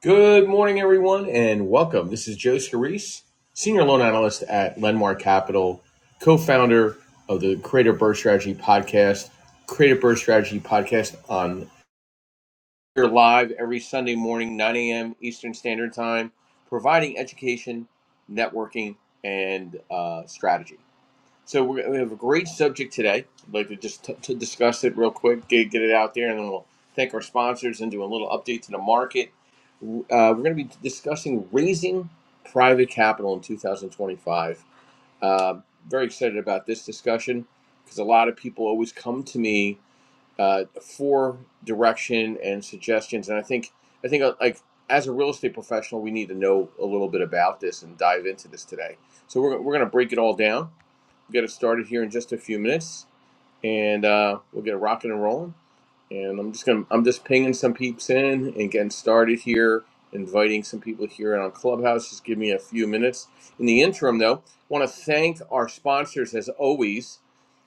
Good morning, everyone, and welcome. This is Joe Scarice, Senior Loan Analyst at Lendmark Capital, co founder of the Creative Birth Strategy Podcast. Creative Birth Strategy Podcast on here live every Sunday morning, 9 a.m. Eastern Standard Time, providing education, networking, and uh, strategy. So we're, we have a great subject today. I'd like to just t- to discuss it real quick, get, get it out there, and then we'll thank our sponsors and do a little update to the market. Uh, we're going to be discussing raising private capital in 2025. Um very excited about this discussion because a lot of people always come to me uh, for direction and suggestions, and I think I think uh, like as a real estate professional, we need to know a little bit about this and dive into this today. So we're, we're going to break it all down We'll get it started here in just a few minutes, and uh, we'll get rocking and rolling. And I'm just gonna I'm just pinging some peeps in and getting started here, inviting some people here on Clubhouse. Just give me a few minutes. In the interim, though, want to thank our sponsors as always.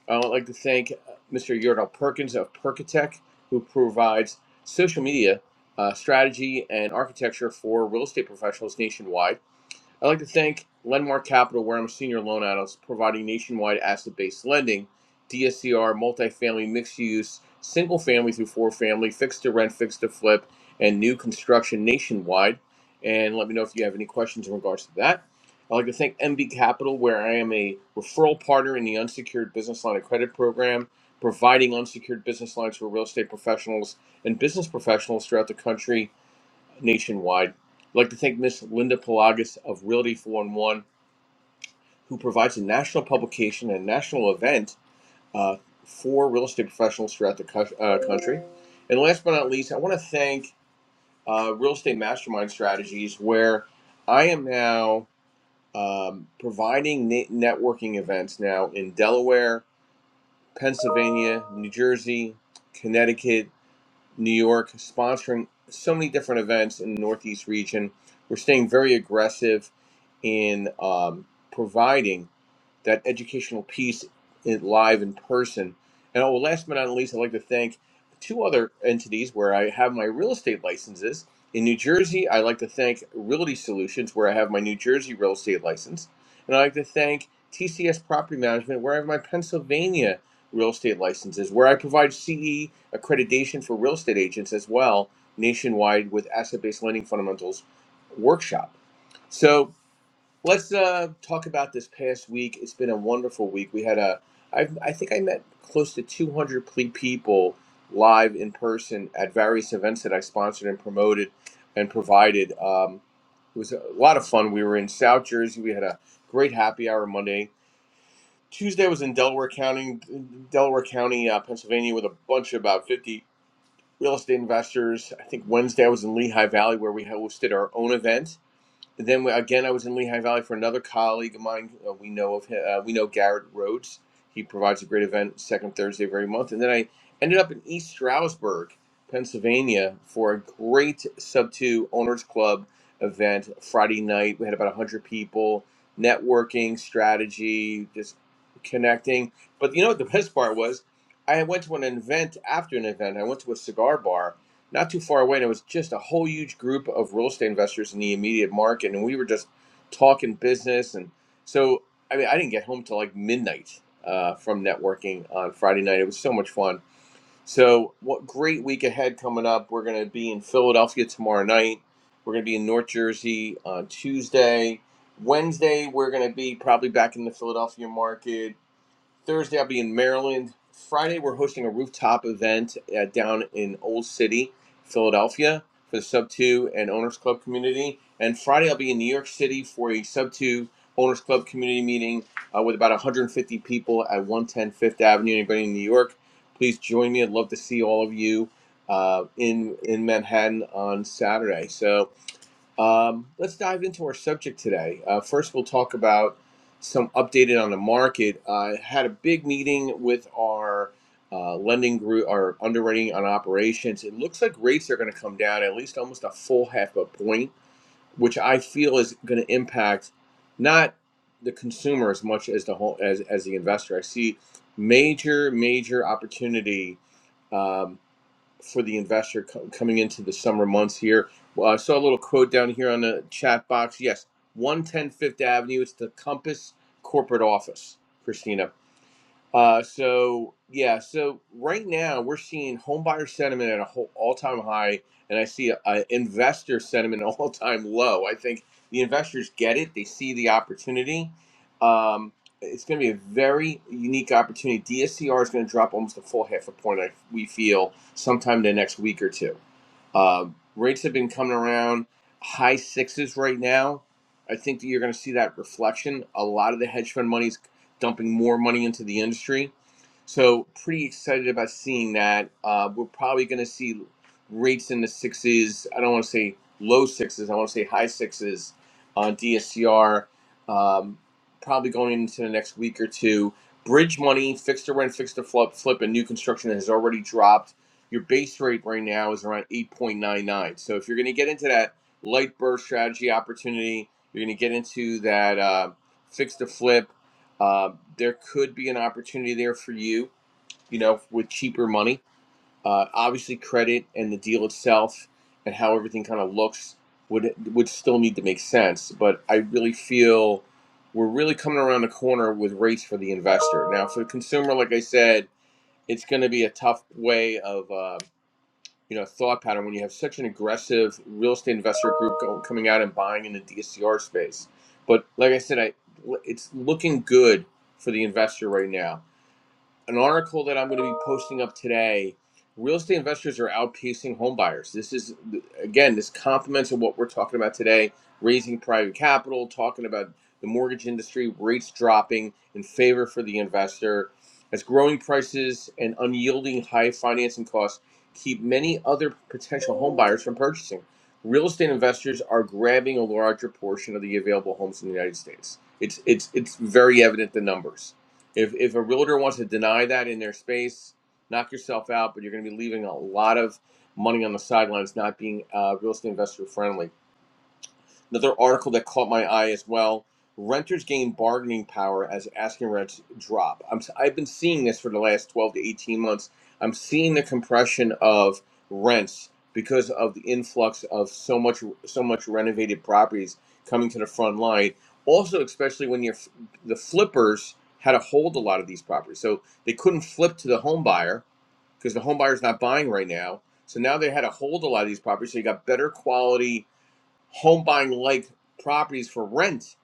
I would like to thank uh, Mr. Yordal Perkins of Perkatech, who provides social media uh, strategy and architecture for real estate professionals nationwide. I'd like to thank Lenmar Capital, where I'm a senior loan analyst, providing nationwide asset based lending, DSCR, multifamily, mixed use, single family through four family, fixed to rent, fixed to flip, and new construction nationwide. And let me know if you have any questions in regards to that. I'd like to thank MB Capital, where I am a referral partner in the unsecured business line of credit program, providing unsecured business lines for real estate professionals and business professionals throughout the country nationwide. I'd like to thank Miss Linda Pelagas of Realty Four in One, who provides a national publication and national event uh, for real estate professionals throughout the cou- uh, country. And last but not least, I want to thank uh, Real Estate Mastermind Strategies, where I am now um, providing ne- networking events now in Delaware, Pennsylvania, New Jersey, Connecticut, New York, sponsoring so many different events in the Northeast region. We're staying very aggressive in um, providing that educational piece in, live in person. And oh, last but not least, I'd like to thank two other entities where I have my real estate licenses. In New Jersey, I'd like to thank Realty Solutions, where I have my New Jersey real estate license. And I'd like to thank TCS Property Management, where I have my Pennsylvania real estate licenses, where I provide CE accreditation for real estate agents as well nationwide with asset based lending fundamentals workshop. So, Let's uh, talk about this past week. It's been a wonderful week. We had a, I, I think I met close to 200 people live in person at various events that I sponsored and promoted and provided. Um, it was a lot of fun. We were in South Jersey. We had a great happy hour Monday. Tuesday was in Delaware County, Delaware County, uh, Pennsylvania, with a bunch of about 50 real estate investors. I think Wednesday I was in Lehigh Valley where we hosted our own event then again, I was in Lehigh Valley for another colleague of mine. Uh, we know of him, uh, we know Garrett Rhodes. He provides a great event second Thursday of every month. And then I ended up in East Stroudsburg, Pennsylvania, for a great Sub Two Owners Club event Friday night. We had about one hundred people, networking, strategy, just connecting. But you know what the best part was? I went to an event after an event. I went to a cigar bar not too far away, and it was just a whole huge group of real estate investors in the immediate market, and we were just talking business, and so I mean, I didn't get home till like midnight uh, from networking on Friday night. It was so much fun. So, what great week ahead coming up? We're going to be in Philadelphia tomorrow night. We're going to be in North Jersey on Tuesday. Wednesday, we're going to be probably back in the Philadelphia market Thursday, I'll be in Maryland. Friday, we're hosting a rooftop event uh, down in Old City, Philadelphia, for the Sub 2 and Owners Club community. And Friday, I'll be in New York City for a Sub 2 Owners Club community meeting uh, with about 150 people at 110 Fifth Avenue. Anybody in New York, please join me. I'd love to see all of you uh, in in Manhattan on Saturday. So um, let's dive into our subject today. Uh, first, we'll talk about some updated on the market. I had a big meeting with our uh, lending group, our underwriting on operations. It looks like rates are going to come down at least almost a full half a point, which I feel is going to impact not the consumer as much as the whole as, as the investor. I see major major opportunity um, for the investor co- coming into the summer months here. Well, I saw a little quote down here on the chat box. Yes, one ten Fifth Avenue. It's the Compass corporate office, Christina. Uh, so yeah, so right now we're seeing home buyer sentiment at a whole all-time high, and I see uh investor sentiment at all-time low. I think the investors get it; they see the opportunity. Um, it's going to be a very unique opportunity. DSCR is going to drop almost a full half a point. I, we feel sometime in the next week or two. Um, rates have been coming around high sixes right now. I think that you're going to see that reflection. A lot of the hedge fund money's dumping more money into the industry. So pretty excited about seeing that. Uh, we're probably going to see rates in the sixes. I don't want to say low sixes. I want to say high sixes on DSCR. Um, probably going into the next week or two. Bridge money, fixed to rent, fixed to flip, flip, and new construction has already dropped. Your base rate right now is around 8.99. So if you're going to get into that light burst strategy opportunity, you're going to get into that uh, fixed to flip um, there could be an opportunity there for you, you know, with cheaper money. Uh, obviously, credit and the deal itself and how everything kind of looks would would still need to make sense. But I really feel we're really coming around the corner with rates for the investor. Now, for the consumer, like I said, it's going to be a tough way of. Uh, you know thought pattern when you have such an aggressive real estate investor group go, coming out and buying in the DSCR space. But like I said, I it's looking good for the investor right now an article that I'm going to be posting up today. Real estate investors are outpacing home buyers. This is again, this complements of what we're talking about today: raising private capital, talking about the mortgage industry, rates dropping in favor for the investor, as growing prices and unyielding high financing costs keep many other potential home buyers from purchasing. Real estate investors are grabbing a larger portion of the available homes in the United States. It's it's it's very evident the numbers. If if a realtor wants to deny that in their space, knock yourself out. But you're going to be leaving a lot of money on the sidelines, not being uh, real estate investor friendly. Another article that caught my eye as well. Renters gain bargaining power as asking rents drop. I'm, I've been seeing this for the last 12 to 18 months. I'm seeing the compression of rents because of the influx of so much so much renovated properties coming to the front line. Also, especially when you're f- the flippers had to hold a lot of these properties, so they couldn't flip to the home buyer because the home buyer's not buying right now. So now they had to hold a lot of these properties. So you got better quality home buying like properties for rent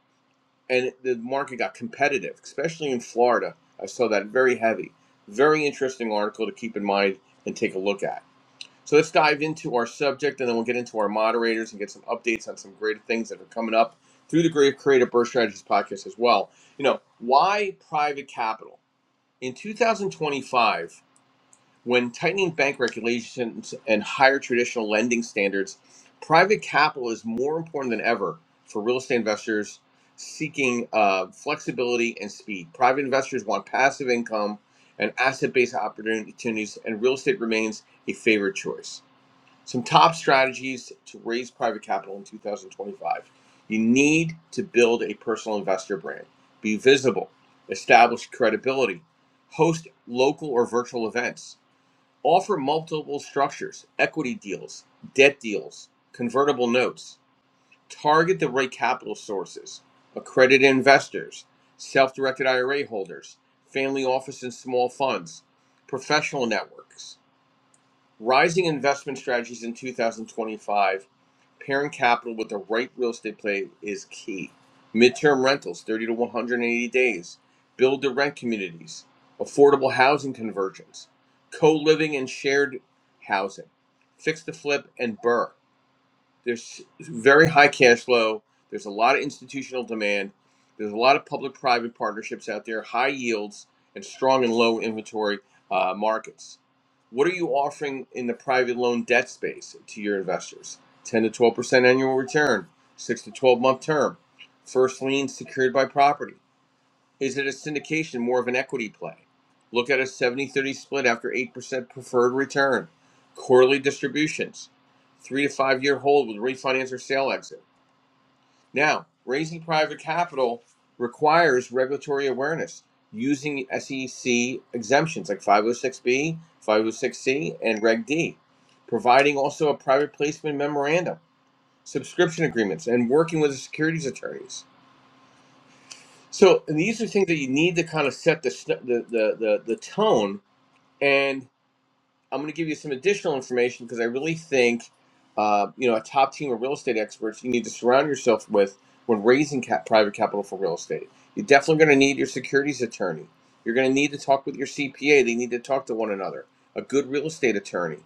and the market got competitive especially in florida i saw that very heavy very interesting article to keep in mind and take a look at so let's dive into our subject and then we'll get into our moderators and get some updates on some great things that are coming up through the great creative birth strategies podcast as well you know why private capital in 2025 when tightening bank regulations and higher traditional lending standards, private capital is more important than ever for real estate investors seeking uh, flexibility and speed. Private investors want passive income and asset based opportunities, and real estate remains a favorite choice. Some top strategies to raise private capital in 2025 you need to build a personal investor brand, be visible, establish credibility, host local or virtual events Offer multiple structures, equity deals, debt deals, convertible notes. Target the right capital sources, accredited investors, self directed IRA holders, family office and small funds, professional networks. Rising investment strategies in 2025, pairing capital with the right real estate play is key. Midterm rentals, 30 to 180 days, build to rent communities, affordable housing conversions, co living and shared housing, fix to flip and burr. There's very high cash flow. There's a lot of institutional demand. There's a lot of public-private partnerships out there, high yields, and strong and low inventory uh, markets. What are you offering in the private loan debt space to your investors? 10 to 12 percent annual return, six to 12 month term, first lien secured by property. Is it a syndication, more of an equity play? Look at a 70 30 split after 8% preferred return, quarterly distributions, three to five year hold with refinance or sale exit. Now, raising private capital requires regulatory awareness using SEC exemptions like 506B, 506C, and Reg D, providing also a private placement memorandum, subscription agreements, and working with the securities attorneys so, and these are things that you need to kind of set the sn- the the the, the tone. And I'm going to give you some additional information because I really think, uh, you know, a top team of real estate experts you need to surround yourself with when raising cap- private capital for real estate. You're definitely going to need your securities attorney. You're going to need to talk with your CPA. They need to talk to one another. A good real estate attorney,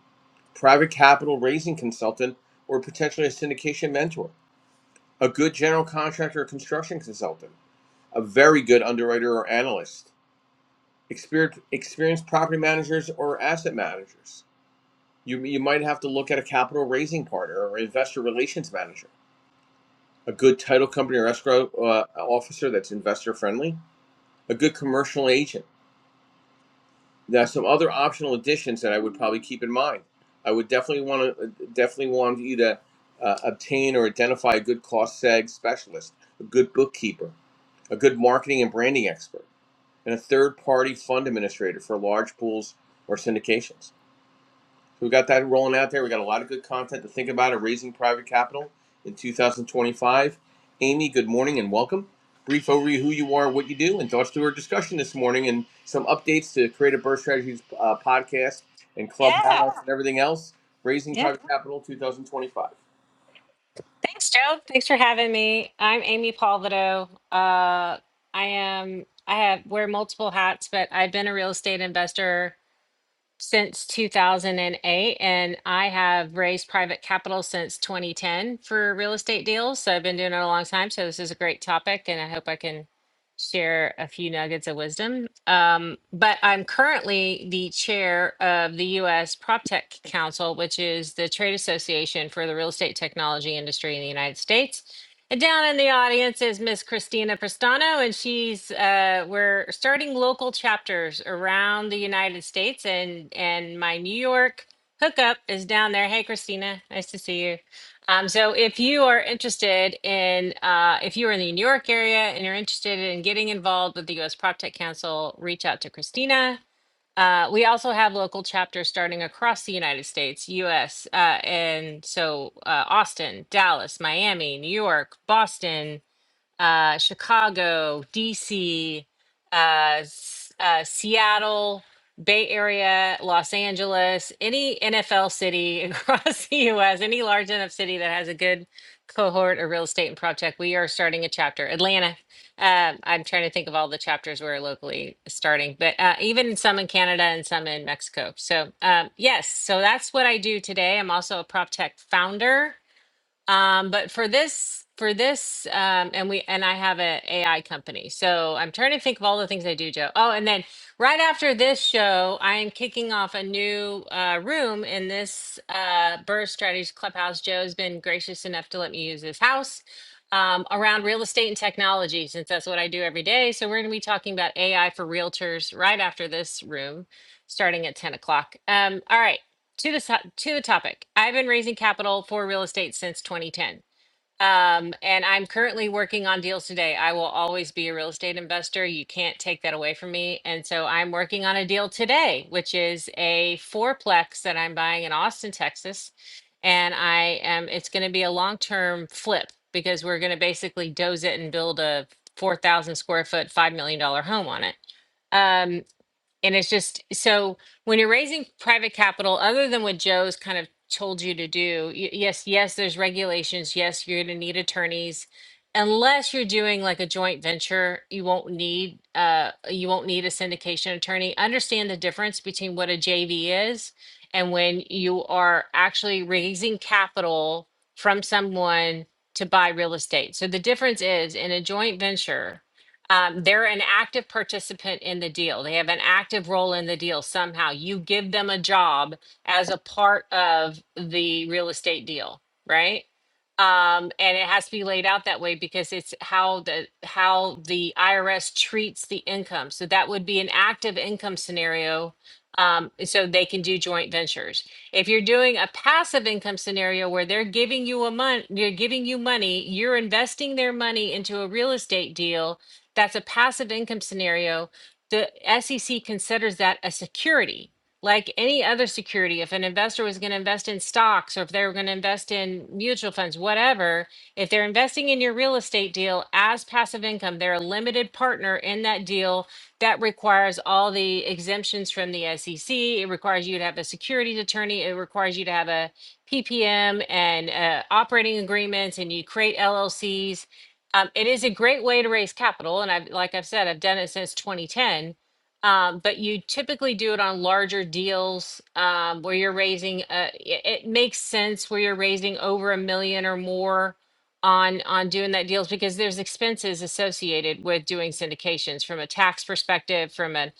private capital raising consultant, or potentially a syndication mentor. A good general contractor or construction consultant a very good underwriter or analyst, experienced, property managers or asset managers. You, you might have to look at a capital raising partner or investor relations manager, a good title company or escrow uh, officer that's investor friendly, a good commercial agent. Now, some other optional additions that I would probably keep in mind. I would definitely want to definitely want you to uh, obtain or identify a good cost seg specialist, a good bookkeeper, a good marketing and branding expert and a third party fund administrator for large pools or syndications. So we got that rolling out there. We got a lot of good content to think about at raising private capital in 2025. Amy, good morning and welcome. Brief overview of who you are, what you do, and thoughts to our discussion this morning, and some updates to Creative Birth Strategies uh, podcast and Yeah. Clubhouse and everything else. Raising Yeah. private capital 2025. Thanks, Joe. Thanks for having me. I'm Amy Palvido. Uh, I am, I have, wear multiple hats, but I've been a real estate investor since 2008 and eight, and I have raised private capital since 2010 for real estate deals. So I've been doing it a long time. So this is a great topic and I hope I can share a few nuggets of wisdom. Um, but I'm currently the chair of the US PropTech Council, which is the trade association for the real estate technology industry in the United States. And down in the audience is Miss Christina Prestano, and she's uh, we're starting local chapters around the United States, and and my New York hookup is down there. Hey, Christina, nice to see you. Um, so if you are interested in uh, if you are in the New York area and you're interested in getting involved with the U.S. PropTech Council, reach out to Christina uh, we also have local chapters starting across the United States, US, uh, and so uh, Austin, Dallas, Miami, New York, Boston, uh, Chicago, DC, uh, S- uh, Seattle, Bay Area, Los Angeles, any NFL city across the US, any large enough city that has a good cohort of real estate and prop tech, we are starting a chapter. Atlanta. Um, I'm trying to think of all the chapters we're locally starting, but uh, even some in Canada and some in Mexico. So, um, yes, so that's what I do today. I'm also a prop tech founder um, but for this, for this, um, and we and I have an a AI company, so I'm trying to think of all the things I do, Joe. Oh, and then right after this show, I am kicking off a new uh, room in this uh, Burr Strategies Clubhouse. Joe's been gracious enough to let me use this house um, around real estate and technology, since that's what I do every day. So we're going to be talking about AI for realtors right after this room, starting at 10 o'clock. Um, all right to the so- to the topic. I've been raising capital for real estate since 2010. Um, and I'm currently working on deals today. I will always be a real estate investor. You can't take that away from me. And so I'm working on a deal today, which is a fourplex that I'm buying in Austin, Texas. And I am it's going to be a long-term flip because we're going to basically doze it and build a 4,000 square foot, $5 million dollar home on it. Um, and it's just so when you're raising private capital, other than what Joe's kind of told you to do, y- yes, yes, there's regulations. Yes, you're going to need attorneys. Unless you're doing like a joint venture, you won't need uh you won't need a syndication attorney. Understand the difference between what a JV is and when you are actually raising capital from someone to buy real estate. So the difference is in a joint venture, um, they're an active participant in the deal. They have an active role in the deal somehow. You give them a job as a part of the real estate deal, right? Um, and it has to be laid out that way because it's how the how the IRS treats the income. So that would be an active income scenario. Um, so they can do joint ventures. If you're doing a passive income scenario where they're giving you a month, they're giving you money, you're investing their money into a real estate deal that's a passive income scenario. The SEC considers that a security. Like any other security, if an investor was going to invest in stocks or if they were going to invest in mutual funds, whatever, if they're investing in your real estate deal as passive income, they're a limited partner in that deal that requires all the exemptions from the SEC. It requires you to have a securities attorney. It requires you to have a PPM and uh, operating agreements, and you create LLCs um, it is a great way to raise capital, and I've, like I've said, I've done it since 2010. Um, but you typically do it on larger deals um, where you're raising. Uh, it, it makes sense where you're raising over a million or more on on doing that deals because there's expenses associated with doing syndications from a tax perspective, from an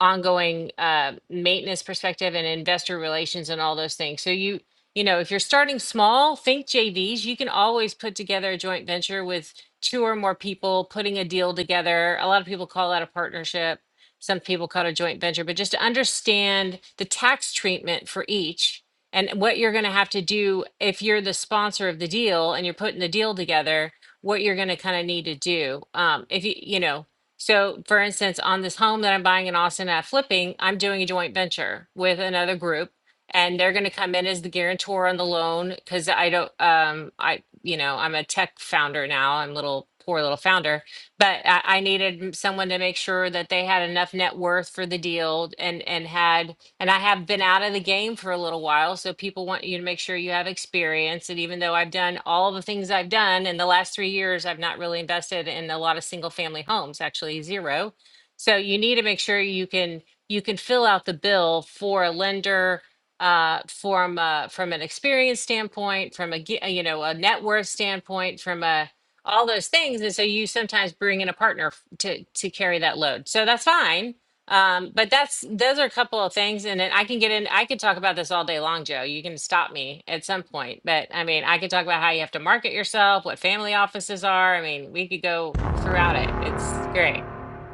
ongoing uh, maintenance perspective, and investor relations, and all those things. So you you know if you're starting small, think JVs. You can always put together a joint venture with two or more people putting a deal together. A lot of people call that a partnership. Some people call it a joint venture, but just to understand the tax treatment for each and what you're going to have to do if you're the sponsor of the deal and you're putting the deal together, what you're going to kind of need to do. Um, if you, you know, so for instance, on this home that I'm buying in Austin at flipping, I'm doing a joint venture with another group and they're going to come in as the guarantor on the loan because I don't, um, I, you know, I'm a tech founder now. I'm little poor little founder, but I, I needed m- someone to make sure that they had enough net worth for the deal and and had and I have been out of the game for a little while. So people want you to make sure you have experience. And even though I've done all the things I've done in the last three years, I've not really invested in a lot of single family homes, actually zero. So you need to make sure you can you can fill out the bill for a lender uh, from uh, from an experience standpoint, from a gi- you know a net worth standpoint, from a all those things, and so you sometimes bring in a partner f- to to carry that load. So that's fine. Um, but that's those are a couple of things, and then I can get in. I could talk about this all day long, Joe. You can stop me at some point, but I mean, I could talk about how you have to market yourself, what family offices are. I mean, we could go throughout it. It's great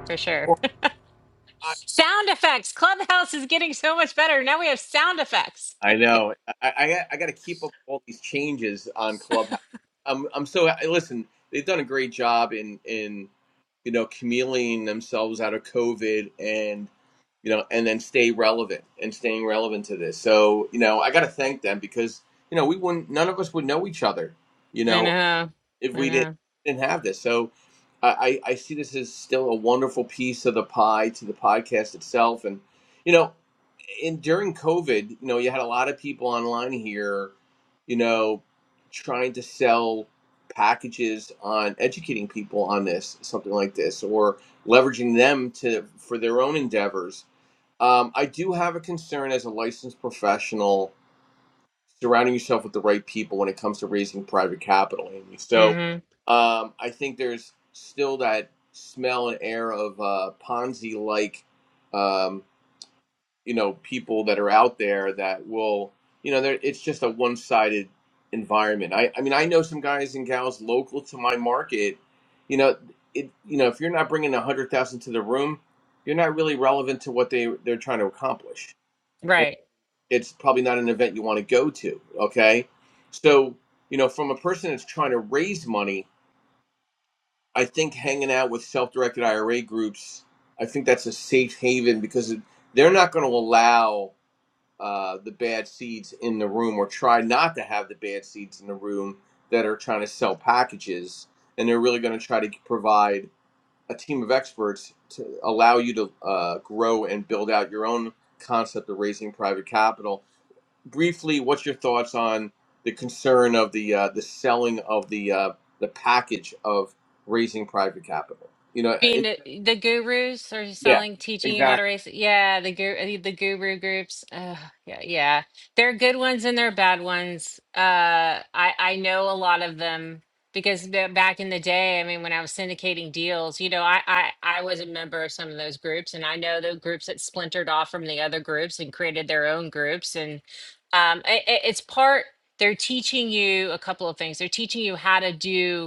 for sure. sound effects. Clubhouse is getting so much better. Now we have sound effects. I know. I I, I got to keep up with all these changes on Clubhouse. I'm I'm so I- listen. They've done a great job in in you know chameleoning themselves out of COVID and you know and then stay relevant and staying relevant to this. So you know I got to thank them because you know we wouldn't none of us would know each other you I know know. if I we didn't know. didn't have this. So I I I see this as still a wonderful piece of the pie to the podcast itself and. you know and during COVID, you know, you had a lot of people online here, you know, trying to sell packages on educating people on this, something like this, or leveraging them to for their own endeavors. Um, I do have a concern as a licensed professional surrounding yourself with the right people when it comes to raising private capital, Amy. So hmm um, I think there's still that smell and air of uh, Ponzi like. Um, you know people that are out there that will you know it's just a one-sided environment i i mean i know some guys and gals local to my market you know it you know if you're not bringing a hundred thousand to the room you're not really relevant to what they they're trying to accomplish and Right. it's probably not an event you want to go to okay so you know from a person that's trying to raise money i think hanging out with self-directed ira groups i think that's a safe haven because they're not going to allow uh, the bad seeds in the room or try not to have the bad seeds in the room that are trying to sell packages and they're really going to try to provide a team of experts to allow you to uh, grow and build out your own concept of raising private capital briefly what's your thoughts on the concern of the uh, the selling of the uh, the package of raising private capital you know Being it, the, the gurus are yeah selling, teaching you how to exactly race. Yeah, the guru, the guru groups. Ugh, yeah, yeah, there are good ones and there are bad ones. Uh, I I know a lot of them because ba- back in the day, I mean, when I was syndicating deals, you know, I I I was a member of some of those groups, and I know the groups that splintered off from the other groups and created their own groups, and um, i i- it's part. They're teaching you a couple of things. They're teaching you how to do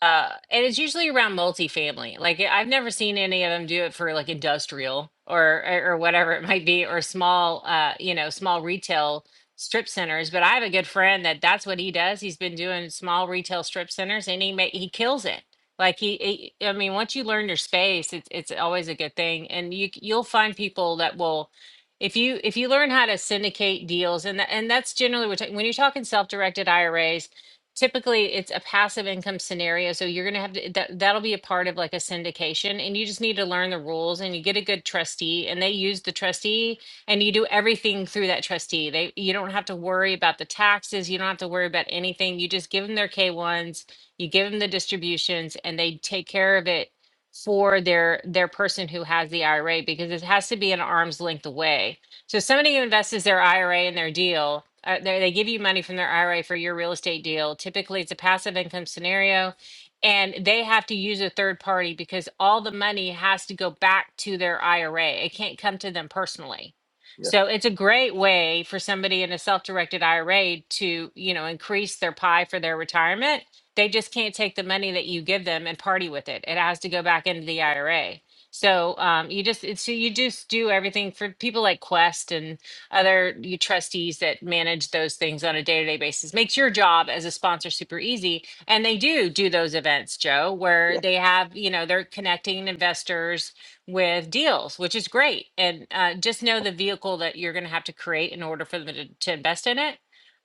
uh and it's usually around multifamily like I- i've never seen any of them do it for like industrial or or or whatever it might be or small uh you know small retail strip centers but i have a good friend that that's what he does he's been doing small retail strip centers and he ma- he kills it like he, he i mean once you learn your space it's it's always a good thing and you c- you'll find people that will if you if you learn how to syndicate deals and tha- and that's generally what when you're talking self-directed iras typically it's a passive income scenario so you're going to have to that that'll be a part of like a syndication and you just need to learn the rules and you get a good trustee and they use the trustee and you do everything through that trustee they you don't have to worry about the taxes you don't have to worry about anything you just give them their k1s you give them the distributions and they take care of it for their their person who has the IRA because it has to be an arm's length away so somebody who invests their IRA in their deal, uh, they they give you money from their IRA for your real estate deal. Typically, it's a passive income scenario, and they have to use a third party because all the money has to go back to their IRA. It can't come to them personally. yeah So it's a great way for somebody in a self-directed IRA to, you know, increase their pie for their retirement. They just can't take the money that you give them and party with it. It has to go back into the IRA. So um, you just it's, so you just do everything for people like Quest and other you trustees that manage those things on a day to day basis. Makes your job as a sponsor super easy, and they do do those events, Joe, where they have you know they're connecting investors with deals, which is great. And uh, just know the vehicle that you're going to have to create in order for them to, to invest in it.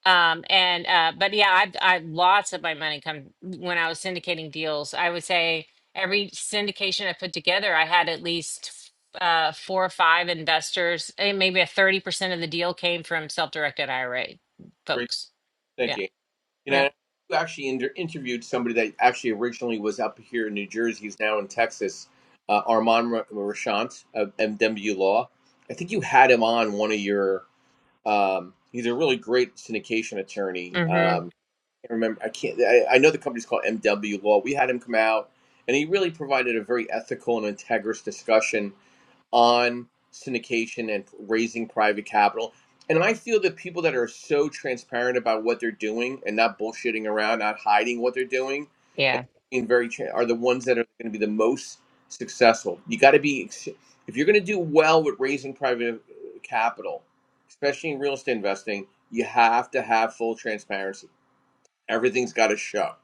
Um, and uh, but yeah, I've, I've lots of my money come when I was syndicating deals. I would say every syndication I put together, I had at least uh, four or five investors, and maybe a thirty percent of the deal came from self-directed IRA great folks. thank Yeah, you You yeah, know, you actually inter- interviewed somebody that actually originally was up here in New Jersey, He's now in Texas, uh, Armand R- Rashant of MW Law. I think you had him on one of your. Um, he's a really great syndication attorney. mm-hmm. Um, I can't remember. I can't. I, I know the company's called MW Law. We had him come out, and he really provided a very ethical and integrous discussion on syndication and raising private capital. And I feel that people that are so transparent about what they're doing and not bullshitting around, not hiding what they're doing, and yeah, being very tra- are the ones that are going to be the most successful. You got to be ex- if you're going to do well with raising private uh, capital, especially in real estate investing, you have to have full transparency Everything's got to show.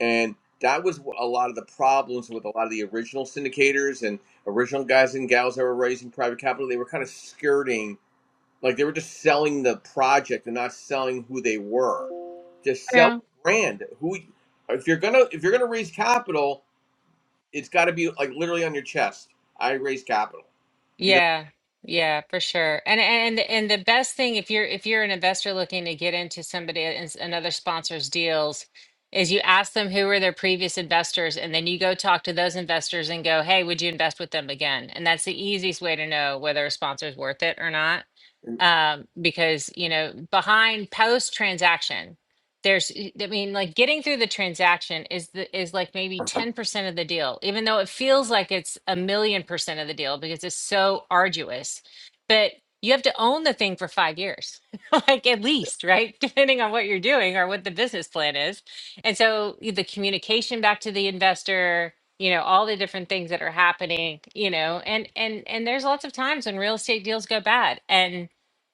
And that was a lot of the problems with a lot of the original syndicators and original guys and gals that were raising private capital. They were kind of skirting, like they were just selling the project and not selling who they were. Just sell yeah, the brand. Who, if you're gonna if you're gonna raise capital, it's got to be like literally on your chest. I raise capital. You yeah, yeah, for sure. And and and the best thing if you're if you're an investor looking to get into somebody and another sponsor's deals. Is you ask them who were their previous investors, and then you go talk to those investors and go, "Hey, would you invest with them again?" And that's the easiest way to know whether a sponsor's worth it or not know? um, because you know behind post transaction there's i mean like getting through the transaction is the is like maybe 10% of the deal even though it feels like it's a million percent of the deal because it's so arduous but you have to own the thing for five years like at least right depending on what you're doing or what the business plan is and so the communication back to the investor you know all the different things that are happening you know and and and there's lots of times when real estate deals go bad and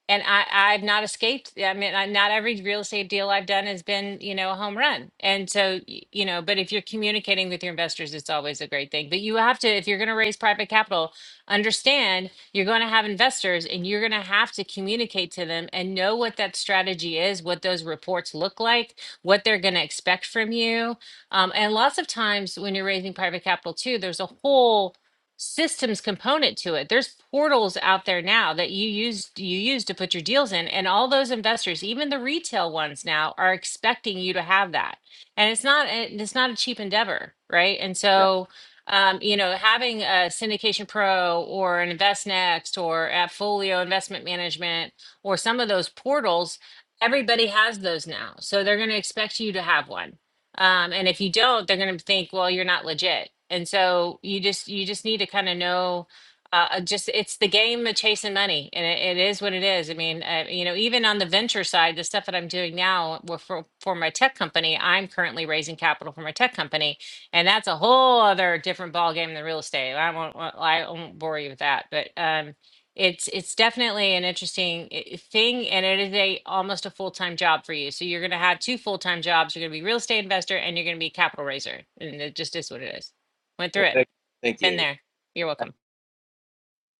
and I, I've not escaped. I mean, I, not every real estate deal I've done has been, you know, a home run. And so, y- you know, but if you're communicating with your investors, it's always a great thing. But you have to, if you're going to raise private capital, understand you're going to have investors and you're going to have to communicate to them and know what that strategy is, what those reports look like, what they're going to expect from you. Um, and lots of times when you're raising private capital too, there's a whole systems component to it. There's portals out there now that you use you use to put your deals in and all those investors, even the retail ones now are expecting you to have that. And it's not a- it's not a cheap endeavor, right? And Yeah. so um, you know, having a syndication pro or an InvestNext or Appfolio Investment Management or some of those portals, everybody has those now. So they're going to expect you to have one um, and if you don't, they're going to think, well, you're not legit. And so you just you just need to kind of know. Uh, uh, just it's the game of chasing money, and it, it is what it is. I mean, uh, you know, even on the venture side, the stuff that I'm doing now well, for for my tech company, I'm currently raising capital for my tech company, and that's a whole other different ball game than real estate. I won't I won't bore you with that, but um, it's it's definitely an interesting i- thing, and it is a almost a full time job for you. So you're going to have two full time jobs. You're going to be real estate investor, and you're going to be capital raiser, and it just is what it is. Went through it, Thank, thank you, been Amy. there. You're welcome.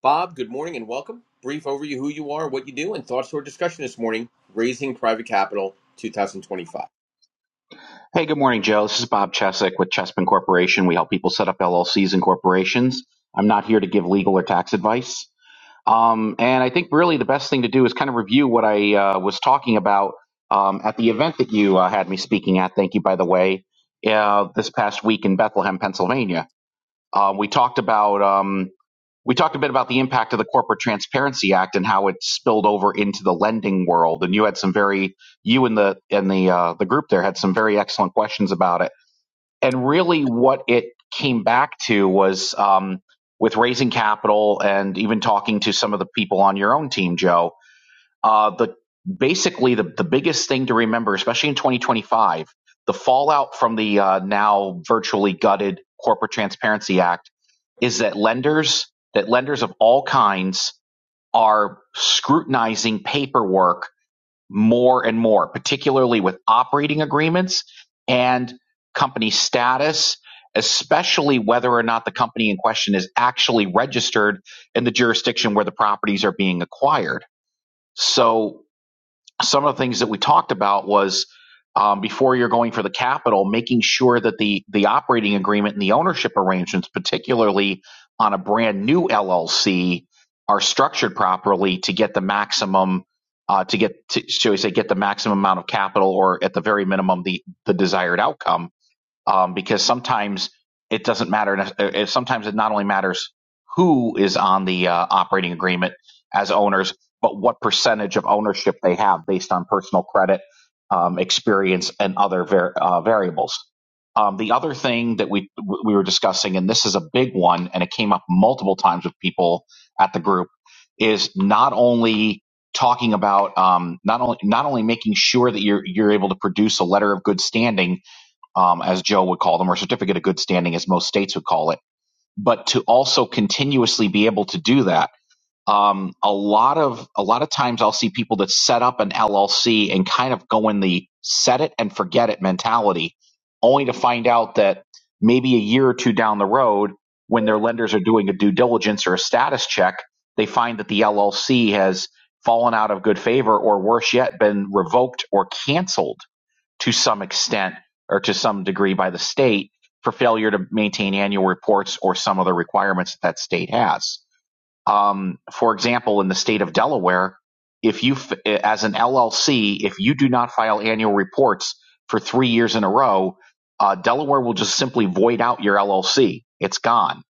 Bob, good morning and welcome. Brief overview who you are, what you do, and thoughts to our discussion this morning Raising Private Capital 2025. Hey, good morning, Joe. This is Bob Chesek with Chespin Corporation. We help people set up LLCs and corporations. I'm not here to give legal or tax advice. Um, and I think really the best thing to do is kind of review what I uh, was talking about um, at the event that you uh, had me speaking at. Thank you, by the way, uh, this past week in Bethlehem, Pennsylvania. Uh, we talked about um, we talked a bit about the impact of the Corporate Transparency Act and how it spilled over into the lending world. And you had some very you and the and the uh, the group there had some very excellent questions about it and really what it came back to was um, with raising capital and even talking to some of the people on your own team, Joe. Uh, the basically the, the biggest thing to remember, especially in 2025, the fallout from the uh, now virtually gutted Corporate Transparency Act is that lenders that lenders of all kinds are scrutinizing paperwork more and more, particularly with operating agreements and company status, especially whether or not the company in question is actually registered in the jurisdiction where the properties are being acquired. So some of the things that we talked about was um, before you're going for the capital, making sure that the the operating agreement and the ownership arrangements, particularly on a brand new LLC, are structured properly to get the maximum uh, to get to, shall we say get the maximum amount of capital or at the very minimum the the desired outcome um, because sometimes it doesn't matter. If, sometimes it not only matters who is on the uh, operating agreement as owners, but what percentage of ownership they have based on personal credit, um, experience, and other var- uh, variables. Um, the other thing that we we were discussing, and this is a big one, and it came up multiple times with people at the group, is not only talking about um, not only not only making sure that you're you're able to produce a letter of good standing um, as Joe would call them, or certificate of good standing, as most states would call it. But to also continuously be able to do that, um, a lot of a lot of times I'll see people that set up an LLC and kind of go in the set it and forget it mentality, only to find out that maybe a year or two down the road, when their lenders are doing a due diligence or a status check, they find that the LLC has fallen out of good favor, or worse yet, been revoked or canceled to some extent or to some degree by the state for failure to maintain annual reports or some other requirements that that state has. Um, for example, in the state of Delaware, if you, as an LLC, if you do not file annual reports for three years in a row, uh, Delaware will just simply void out your LLC. It's gone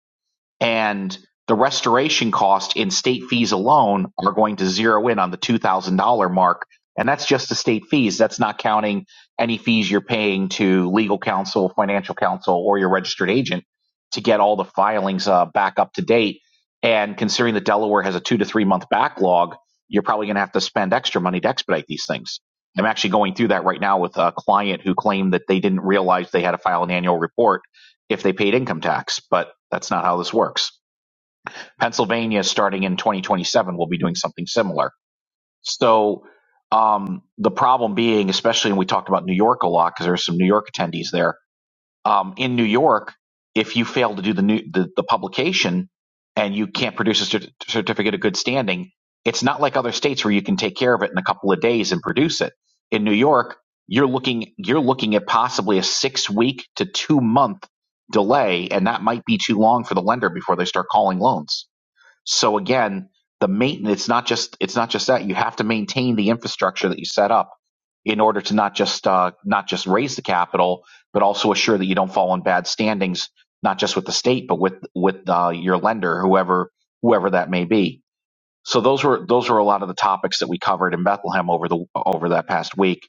and the restoration cost in state fees alone are going to zero in on the $2,000 mark. And that's just the state fees. That's not counting any fees you're paying to legal counsel, financial counsel, or your registered agent to get all the filings uh, back up to date. And considering that Delaware has a two to three month backlog, you're probably going to have to spend extra money to expedite these things. I'm actually going through that right now with a client who claimed that they didn't realize they had to file an annual report if they paid income tax, but that's not how this works. Pennsylvania, starting in 2027, will be doing something similar. So um, the problem being, especially when we talked about New York a lot, because there are some New York attendees there, um, in New York, if you fail to do the new the, the publication and you can't produce a cer- certificate of good standing, it's not like other states where you can take care of it in a couple of days and produce it. In New York, you're looking you're looking at possibly a six week to two month delay, and that might be too long for the lender before they start calling loans. So again, the maintenance it's not just it's not just that you have to maintain the infrastructure that you set up in order to not just uh, not just raise the capital, but also assure that you don't fall in bad standings, not just with the state, but with with uh, your lender, whoever whoever that may be. So those were those were a lot of the topics that we covered in Bethlehem over the over that past week.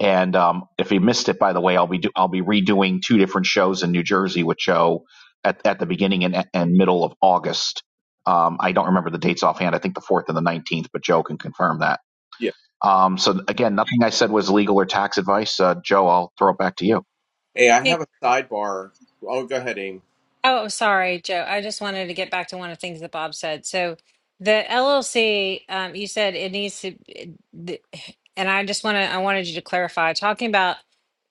And um, if you missed it, by the way, I'll be do, I'll be redoing two different shows in New Jersey, which show at at the beginning and, and middle of August. Um, I don't remember the dates offhand. I think the fourth and the nineteenth, but Joe can confirm that. Yeah. Um, so again, nothing I said was legal or tax advice. Uh, Joe, I'll throw it back to you. Hey, I have Hey, a sidebar. Oh, go ahead, Aim. oh, sorry, Joe. I just wanted to get back to one of the things that Bob said. So the LLC, um, you said it needs to, it- the- and I just want to, I wanted you to clarify, talking about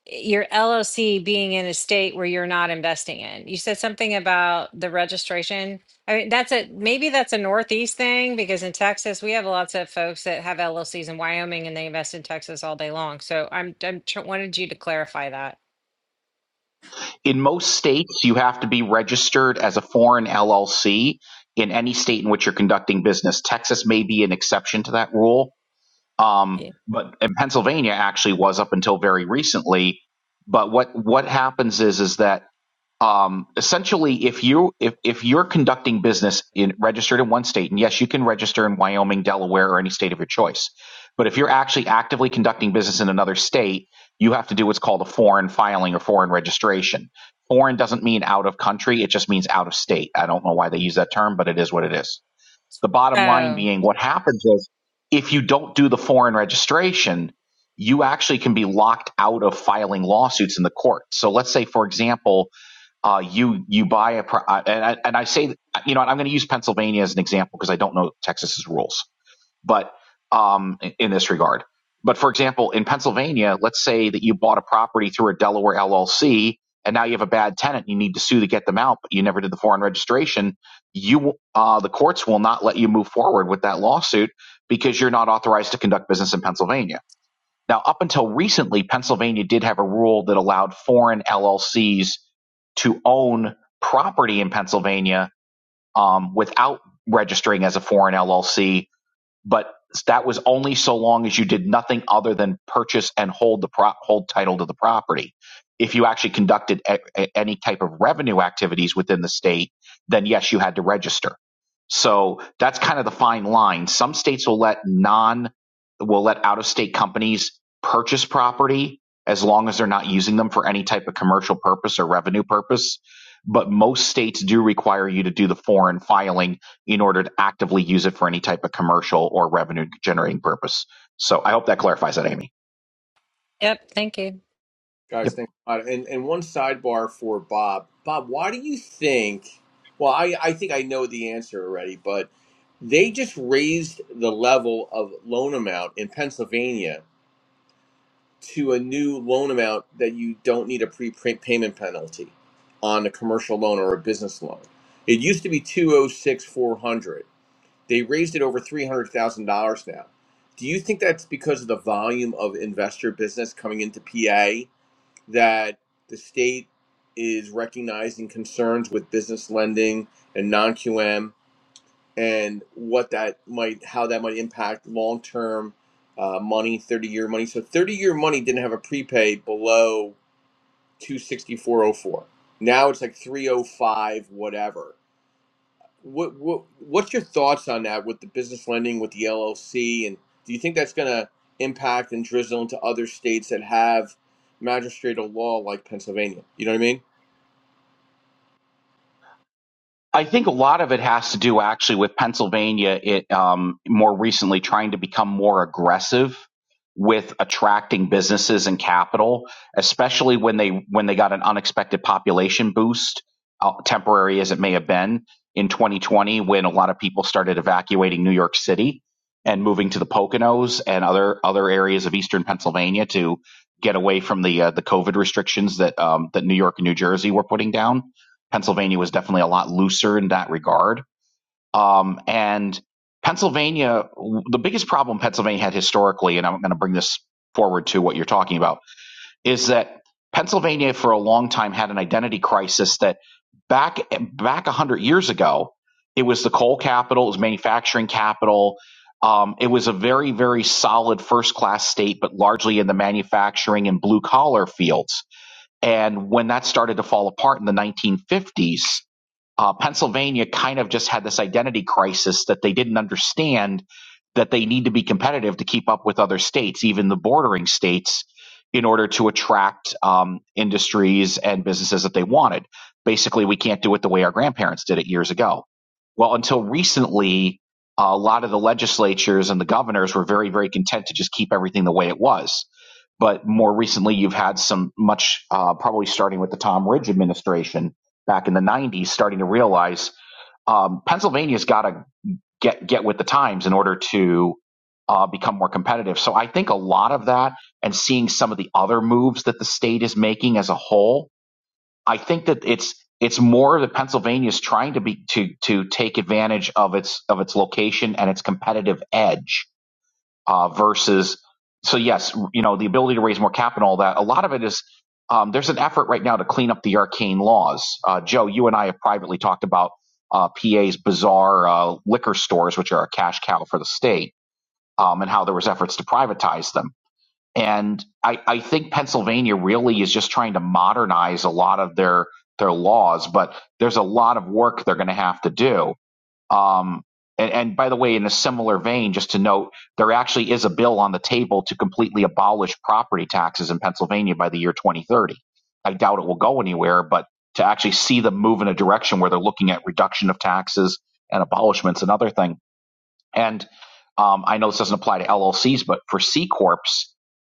your LLC being in a state where you're not investing in. You said something about the registration. I mean, that's a maybe that's a Northeast thing because in Texas we have lots of folks that have LLCs in Wyoming and they invest in Texas all day long. So I'm I'm tr- wanted you to clarify that. in most states, you have to be registered as a foreign LLC in any state in which you're conducting business. Texas may be an exception to that rule, um, Yeah. but and Pennsylvania actually was up until very recently. But what what happens is is that um, essentially if you if, if you're conducting business in registered in one state and yes you can register in wyoming delaware or any state of your choice but if you're actually actively conducting business in another state you have to do what's called a foreign filing or foreign registration foreign doesn't mean out of country it just means out of state i don't know why they use that term but it is what it is the bottom line Oh, being what happens is if you don't do the foreign registration you actually can be locked out of filing lawsuits in the court so let's say for example uh, you you buy a pro- uh, and I, and I say you know I'm going to use Pennsylvania as an example because I don't know Texas's rules, but um, in in this regard. But for example, in Pennsylvania, let's say that you bought a property through a Delaware LLC, and now you have a bad tenant, and you need to sue to get them out, but you never did the foreign registration. You uh, the courts will not let you move forward with that lawsuit because you're not authorized to conduct business in Pennsylvania. Now, up until recently, Pennsylvania did have a rule that allowed foreign LLCs to own property in Pennsylvania um, without registering as a foreign LLC but that was only so long as you did nothing other than purchase and hold the pro- hold title to the property. If you actually conducted a- a- any type of revenue activities within the state, then yes, you had to register. So that's kind of the fine line. Some states will let non will let out of state companies purchase property as long as they're not using them for any type of commercial purpose or revenue purpose. But most states do require you to do the foreign filing in order to actively use it for any type of commercial or revenue generating purpose. So I hope that clarifies that, Amy. yep. Thank you. Guys, Yep. thanks a lot. And and one sidebar for Bob. Bob, why do you think? Well, I I think I know the answer already, but they just raised the level of loan amount in Pennsylvania to a new loan amount that you don't need a prepayment penalty on a commercial loan or a business loan. It used to be two oh six four hundred. They raised it over three hundred thousand dollars now. Do you think that's because of the volume of investor business coming into PA? that the state is recognizing concerns with business lending and non-QM and what that might how that might impact long-term uh, money 30-year money so 30-year money didn't have a prepay below 26404 now it's like 305 whatever what what what's your thoughts on that with the business lending with the LLC, and do you think that's going to impact and drizzle into other states that have magistratal law like Pennsylvania? You know what I mean? I think a lot of it has to do actually with Pennsylvania. It um, more recently trying to become more aggressive with attracting businesses and capital, especially when they when they got an unexpected population boost, uh, temporary as it may have been in 2020, when a lot of people started evacuating New York City and moving to the Poconos and other other areas of eastern Pennsylvania to get away from the uh, the COVID restrictions that um, that New York and New Jersey were putting down Pennsylvania was definitely a lot looser in that regard. Um, and Pennsylvania, the biggest problem Pennsylvania had historically, and I'm going to bring this forward to what you're talking about, is that Pennsylvania for a long time had an identity crisis that back back 100 years ago, it was the coal capital, it was manufacturing capital. Um, it was a very, very solid first class state, but largely in the manufacturing and blue collar fields. And when that started to fall apart in the 1950s, uh, Pennsylvania kind of just had this identity crisis that they didn't understand that they need to be competitive to keep up with other states, even the bordering states, in order to attract um, industries and businesses that they wanted. Basically, we can't do it the way our grandparents did it years ago. Well, until recently, a lot of the legislatures and the governors were very, very content to just keep everything the way it was. But more recently, you've had some much, uh, probably starting with the Tom Ridge administration, back in the 90s starting to realize um, Pennsylvania's got to get get with the times in order to uh, become more competitive. So I think a lot of that and seeing some of the other moves that the state is making as a whole, I think that it's it's more that Pennsylvania's trying to be to to take advantage of its of its location and its competitive edge uh, versus so yes you know the ability to raise more capital that a lot of it is um, there's an effort right now to clean up the arcane laws uh, joe you and i have privately talked about uh, pa's bizarre uh, liquor stores which are a cash cow for the state um, and how there was efforts to privatize them and I, I think pennsylvania really is just trying to modernize a lot of their their laws but there's a lot of work they're going to have to do um, and, and by the way, in a similar vein, just to note, there actually is a bill on the table to completely abolish property taxes in Pennsylvania by the year 2030. I doubt it will go anywhere, but to actually see them move in a direction where they're looking at reduction of taxes and abolishments, another thing. And um, I know this doesn't apply to LLCs, but for C corps,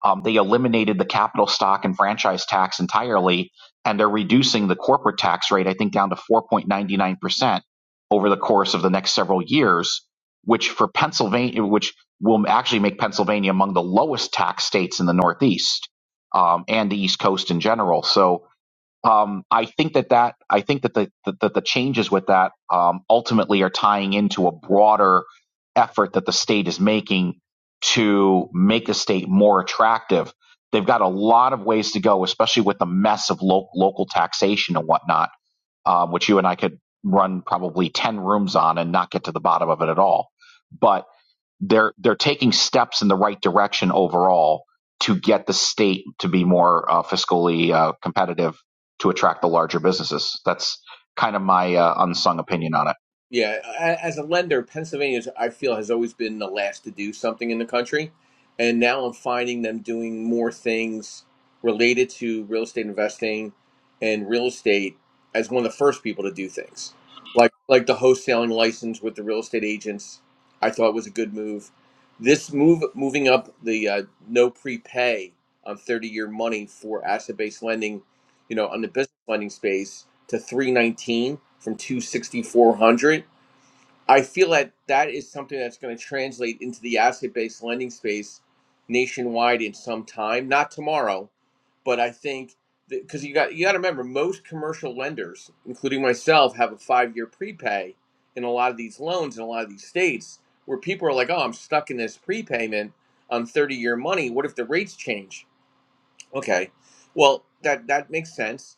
um, they eliminated the capital stock and franchise tax entirely, and they're reducing the corporate tax rate, I think, down to 4.99% over the course of the next several years, which for Pennsylvania, which will actually make Pennsylvania among the lowest tax states in the Northeast um, and the East Coast in general. So um, I think that that I think that the that, that the changes with that um, ultimately are tying into a broader effort that the state is making to make the state more attractive. They've got a lot of ways to go, especially with the mess of lo- local taxation and whatnot um, which you and I could run probably 10 rooms on and not get to the bottom of it at all. But they're, they're taking steps in the right direction overall to get the state to be more uh, fiscally uh, competitive to attract the larger businesses. That's kind of my uh, unsung opinion on it. Yeah, as a lender, Pennsylvania, is, I feel, has always been the last to do something in the country, and now I'm finding them doing more things related to real estate investing and real estate as one of the first people to do things, like like the wholesaling license with the real estate agents. I thought was a good move. This move, moving up the uh, no prepay on 30 year money for asset based lending, you know, on the business lending space to 319 from 26400 i feel that that is something that's going to translate into the asset-based lending space nationwide in some time not tomorrow but i think because you got you got to remember most commercial lenders including myself have a five-year prepay in a lot of these loans in a lot of these states where people are like oh i'm stuck in this prepayment on 30-year money what if the rates change Okay. Well, that that makes sense.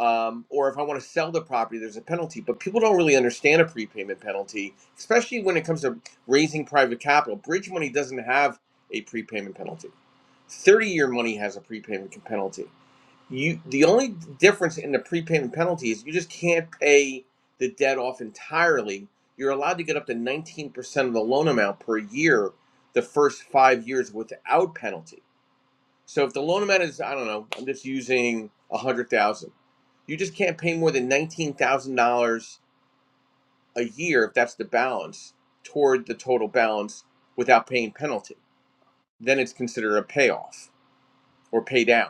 Um, or if I want to sell the property, there's a penalty. But people don't really understand a prepayment penalty, especially when it comes to raising private capital. Bridge money doesn't have a prepayment penalty. 30-year money has a prepayment penalty. You the only difference in the prepayment penalty is you just can't pay the debt off entirely. You're allowed to get up to 19% of the loan amount per year the first 5 years without penalty so if the loan amount is, I don't know, I'm just using a hundred thousand. dollars. You just can't pay more than nineteen thousand dollars a year if that's the balance toward the total balance without paying penalty. Then it's considered a payoff or pay down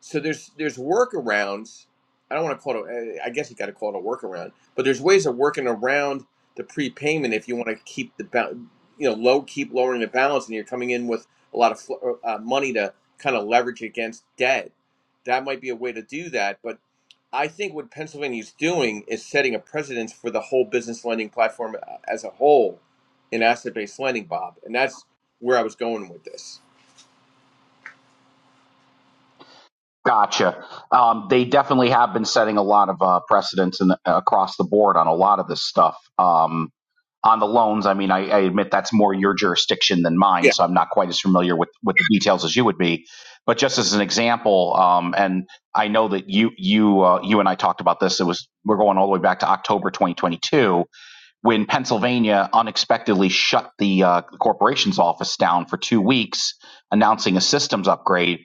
so there's there's workarounds. I don't want to call it. eh, I guess you got to call it a workaround, but there's ways of working around the prepayment if you want to keep the ba- you know low, keep lowering the balance, and you're coming in with a lot of fl- uh, uh, money to kind of leverage against debt. That might be a way to do that, but I think what Pennsylvania's doing is setting a precedence for the whole business lending platform uh, as a whole in asset-based lending, Bob, and that's where I was going with this. Gotcha. Um, they definitely have been setting a lot of uh, precedents in the, across the board on a lot of this stuff. Um, on the loans, I mean, I, I admit that's more your jurisdiction than mine, Yeah. so I'm not quite as familiar with, with the details as you would be. But just as an example, um, and I know that you you uh, you and I talked about this. It was we're going all the way back to October 2022 when Pennsylvania unexpectedly shut the uh, corporation's office down for two weeks, announcing a systems upgrade.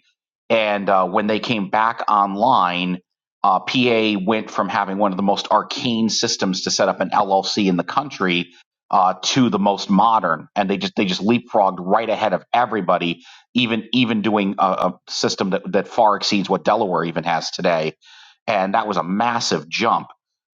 And uh, when they came back online, uh, PA went from having one of the most arcane systems to set up an LLC in the country uh, to the most modern, and they just they just leapfrogged right ahead of everybody, even even doing a, a system that, that far exceeds what Delaware even has today and that was a massive jump.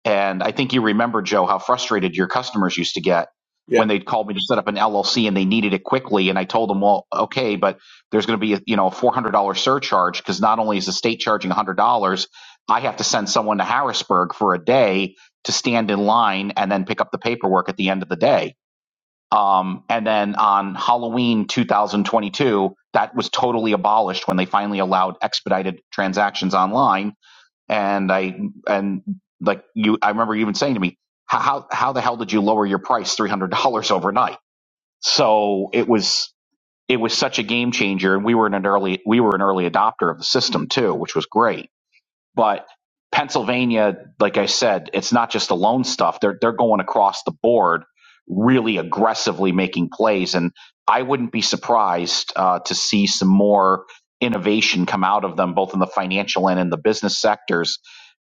And I think you remember, Joe, how frustrated your customers used to get Yeah, when they'd called me to set up an LLC and they needed it quickly. And I told them, well, okay, but there's going to be a, you know a $400 surcharge because not only is the state charging $100, I have to send someone to Harrisburg for a day to stand in line and then pick up the paperwork at the end of the day. Um, and then on Halloween 2022, that was totally abolished when they finally allowed expedited transactions online and I and like you, I remember you even saying to me, "How how the hell did you lower your price three hundred dollars overnight?" So it was it was such a game changer, and we were in an early we were an early adopter of the system too, which was great but Pennsylvania, like I said, it's not just the loan stuff. They're they're going across the board, really aggressively making plays, and I wouldn't be surprised uh, to see some more innovation come out of them, both in the financial and in the business sectors,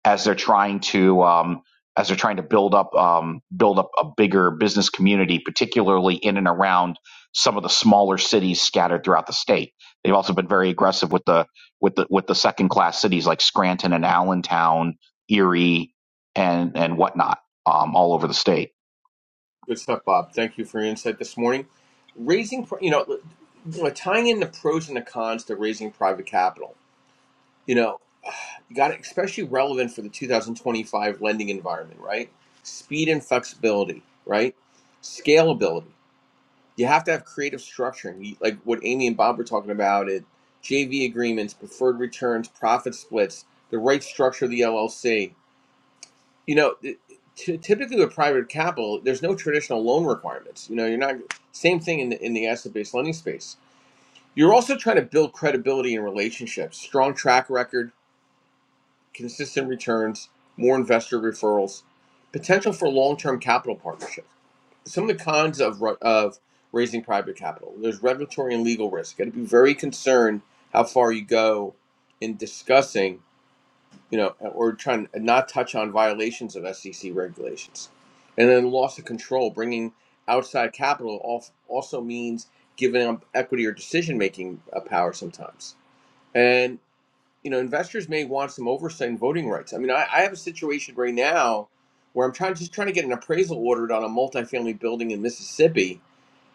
as they're trying to um, as they're trying to build up um, build up a bigger business community, particularly in and around some of the smaller cities scattered throughout the state. They've also been very aggressive with the with the with the second class cities like Scranton and Allentown, Erie, and and whatnot, um, all over the state. Good stuff, Bob. Thank you for your insight this morning. Raising, you know, you know, tying in the pros and the cons to raising private capital. You know, you got it especially relevant for the 2025 lending environment, right? Speed and flexibility, right? Scalability. You have to have creative structuring, You- like what Amy and Bob were talking about. It JV agreements, preferred returns, profit splits, the right structure of the LLC. You know, it- t- typically with private capital, there's no traditional loan requirements. You know, you're not same thing in the in the asset-based lending space. You're also trying to build credibility and relationships, strong track record, consistent returns, more investor referrals, potential for long-term capital partnerships. Some of the cons of ru- of raising private capital. There's regulatory and legal risk. Got to be very concerned how far you go in discussing you know, or trying to not touch on violations of SEC regulations. And then loss of control, bringing outside capital al- also means giving up equity or decision making power sometimes. And, you know, investors may want some oversight in voting rights. I mean, I, I have a situation right now where I'm trying just trying to get an appraisal ordered on a multifamily building in Mississippi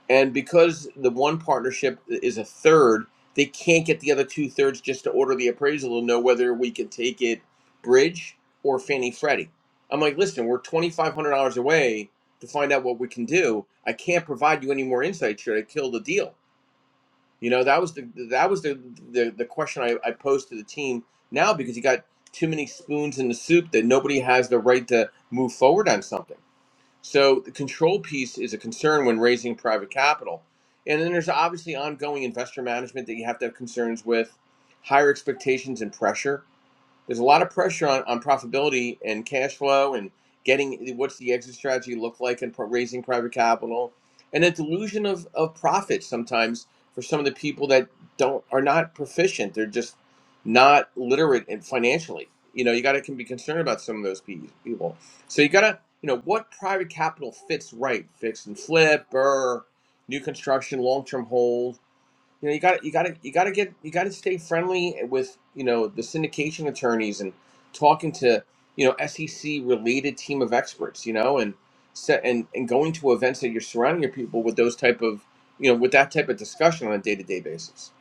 and because the one partnership is a third, they can't get the other two thirds just to order the appraisal to know whether we can take it bridge or Fannie Freddie. I'm like, listen, we're $2,500 away to find out what we can do. I can't provide you any more insight should I kill the deal. You know, that was the that was the the, the question I, I posed to the team now because you got too many spoons in the soup that nobody has the right to move forward on something. So the control piece is a concern when raising private capital. And then there's obviously ongoing investor management that you have to have concerns with, higher expectations and pressure there's a lot of pressure on, on profitability and cash flow and getting what's the exit strategy look like and pro- raising private capital and a delusion of, of profit sometimes for some of the people that don't are not proficient they're just not literate in financially you know you got to can be concerned about some of those pe- people so you got to you know what private capital fits right fix and flip or new construction long-term hold you know you got to you got to you got to get you got to stay friendly with you know the syndication attorneys and talking to you know SEC related team of experts you know and set and and going to events that you're surrounding your people with those type of you know with that type of discussion on a day-to-day basis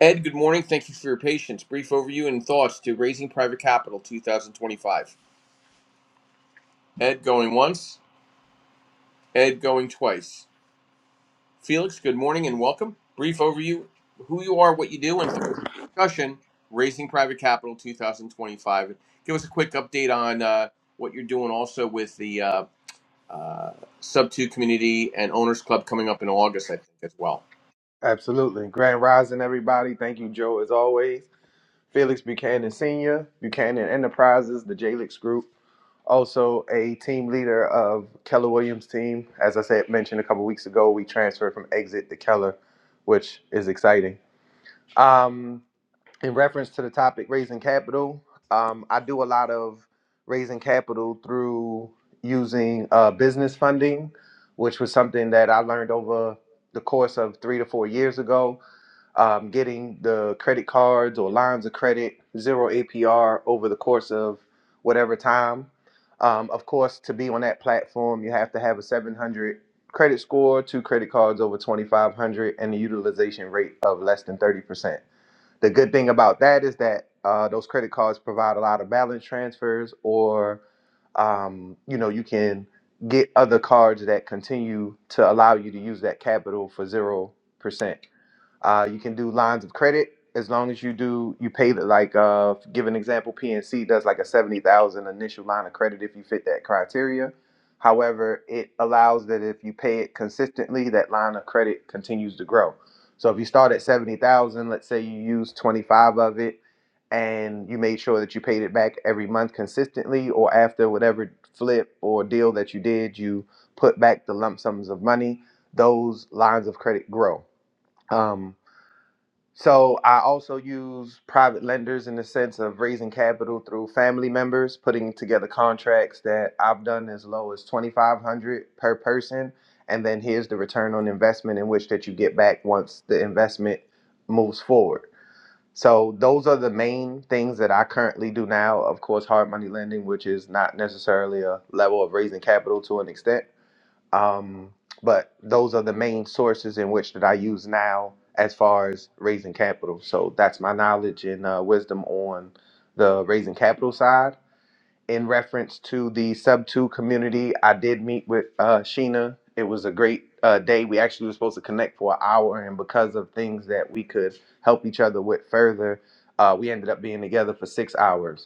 Ed good morning thank you for your patience brief overview and thoughts to raising private capital 2025 Ed going once Ed going twice Felix, good morning and welcome. Brief overview who you are, what you do, and thought discussion Raising Private Capital 2025. Give us a quick update on uh, what you're doing also with the uh, uh, Sub 2 community and Owners Club coming up in August, I think, as well. Absolutely. Grand Rising, everybody. Thank you, Joe, as always. Felix Buchanan Sr., Buchanan Enterprises, the JLix Group, also a team leader of Keller Williams' team. As I said, mentioned a couple weeks ago, we transferred from Exit to Keller, which is exciting. Um, in reference to the topic, raising capital, um, I do a lot of raising capital through using uh, business funding, which was something that I learned over the course of three to four years ago um, getting the credit cards or lines of credit, zero APR over the course of whatever time. Um, of course, to be on that platform, you have to have a 700 credit score, two credit cards over 2,500, and a utilization rate of less than 30%. The good thing about that is that uh, those credit cards provide a lot of balance transfers, or um, you know, you can get other cards that continue to allow you to use that capital for zero percent. Uh, you can do lines of credit as long as you do you pay the like uh give an example PNC does like a seventy thousand initial line of credit if you fit that criteria. However, it allows that if you pay it consistently, that line of credit continues to grow. So if you start at seventy thousand, let's say you use twenty five of it, and you made sure that you paid it back every month consistently, or after whatever flip or deal that you did, you put back the lump sums of money. Those lines of credit grow. Um, so I also use private lenders in the sense of raising capital through family members, putting together contracts that I've done as low as 2500 per person and then here's the return on investment in which that you get back once the investment moves forward. So those are the main things that I currently do now. Of course, hard money lending, which is not necessarily a level of raising capital to an extent, um, but those are the main sources in which that I use now as far as raising capital. So that's my knowledge and uh, wisdom on the raising capital side. In reference to the sub two community, I did meet with uh, Sheena. It was a great uh, day. We actually were supposed to connect for an hour, and because of things that we could help each other with further, uh, we ended up being together for six hours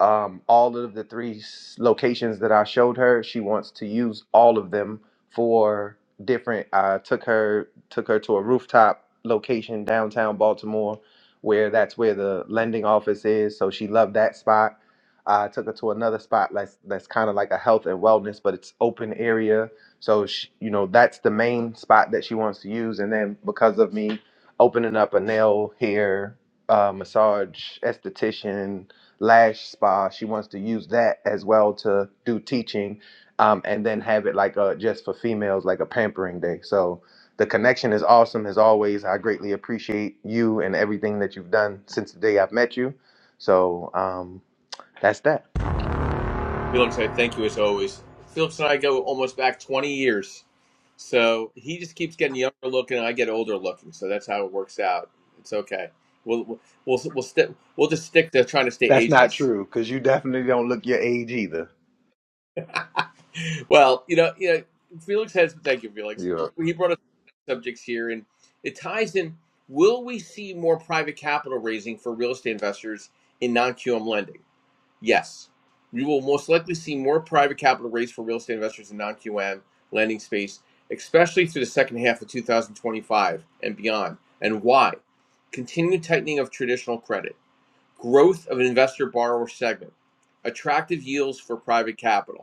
um, all of the three s- locations that I showed her, she wants to use all of them for different. I took her took her to a rooftop location downtown Baltimore, where that's where the lending office is. So she loved that spot. I took her to another spot that's that's kind of like a health and wellness, but it's open area. So she, you know that's the main spot that she wants to use. And then because of me opening up a nail hair uh, massage esthetician lash spa she wants to use that as well to do teaching um, and then have it like a just for females like a pampering day so the connection is awesome as always i greatly appreciate you and everything that you've done since the day i've met you so um, that's that Felix, I thank you as always. Felix and I go almost back 20 years. So he just keeps getting younger looking, and I get older looking. So that's how it works out. It's okay. We'll we'll we'll we'll, st- we'll just stick to trying to stay that's not ageless. true because you definitely don't look your age either Well, you know, you know, Felix has. Thank you, Felix. yeah He brought up subjects here, and it ties in. Will we see more private capital raising for real estate investors in non-QM lending? Yes, we will most likely see more private capital raised for real estate investors in non-QM lending space, especially through the second half of 2025 and beyond. And why? Continued tightening of traditional credit, growth of investor borrower segment, attractive yields for private capital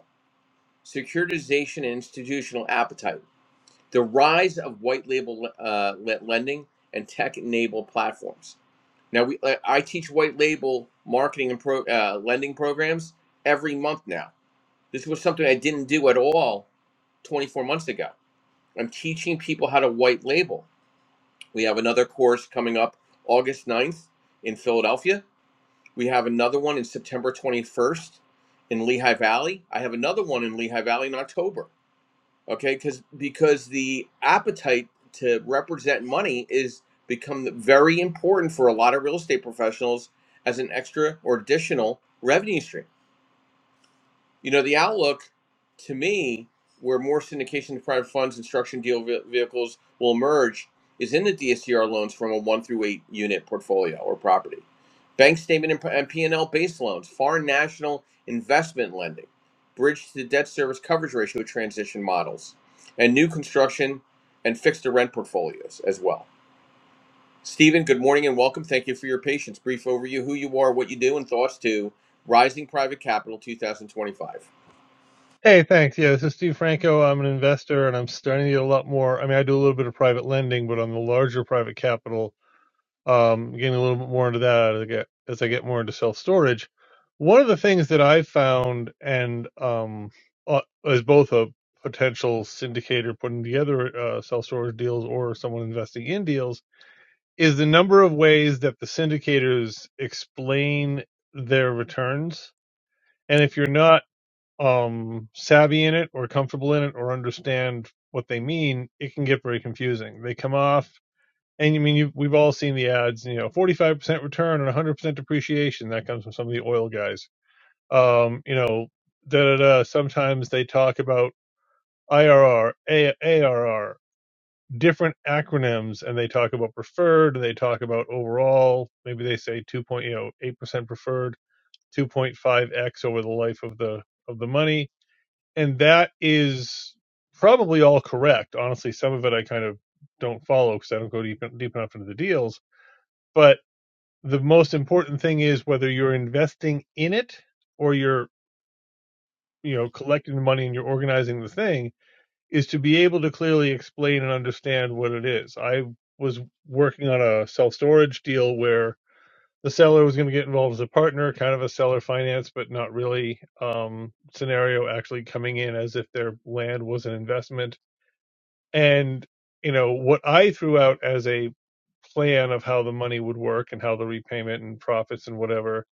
securitization and institutional appetite, the rise of white label uh, lending and tech-enabled platforms. Now, we uh, I teach white label marketing and pro, uh, lending programs every month now. This was something I didn't do at all 24 months ago. I'm teaching people how to white label. We have another course coming up August ninth in Philadelphia. We have another one in September 21st in Lehigh Valley. I have another one in Lehigh Valley in October okay because because the appetite to represent money is become very important for a lot of real estate professionals as an extra or additional revenue stream you know, the outlook to me, where more syndication to private funds and structured deal vehicles will emerge, is in the DSCR loans from a one through eight unit portfolio or property, bank statement and p- and P&L based loans, foreign national investment lending, bridge to debt service coverage ratio transition models, and new construction and fixed to rent portfolios as well. Stephen, good morning and welcome. Thank you for your patience. Brief overview, who you are, what you do, and thoughts to Rising Private Capital 2025. Hey, thanks. Yeah, this is Steve Franco. I'm an investor and I'm starting to get a lot more. I mean, I do a little bit of private lending, but on the larger private capital, um, getting a little bit more into that as I get, as I get more into self storage. One of the things that I found and, um, uh, as both a potential syndicator putting together uh, self storage deals or someone investing in deals is the number of ways that the syndicators explain their returns. And if you're not um savvy in it or comfortable in it or understand what they mean, it can get very confusing. They come off, and I mean, you, we've all seen the ads, you know, 45% return and 100% depreciation. That comes from some of the oil guys. Um, you know, da da da. Sometimes they talk about IRR, A- ARR, different acronyms, and they talk about preferred, and they talk about overall. Maybe they say 2.8% preferred, 2.5x over the life of the of the money and that is probably all correct. Honestly, some of it I kind of don't follow because I don't go deep deep enough into the deals. But the most important thing is whether you're investing in it or you're you know collecting the money and you're organizing the thing is to be able to clearly explain and understand what it is. I was working on a self storage deal where the seller was going to get involved as a partner, kind of a seller finance, but not really um, scenario, actually coming in as if their land was an investment And, you know, what I threw out as a plan of how the money would work and how the repayment and profits and whatever,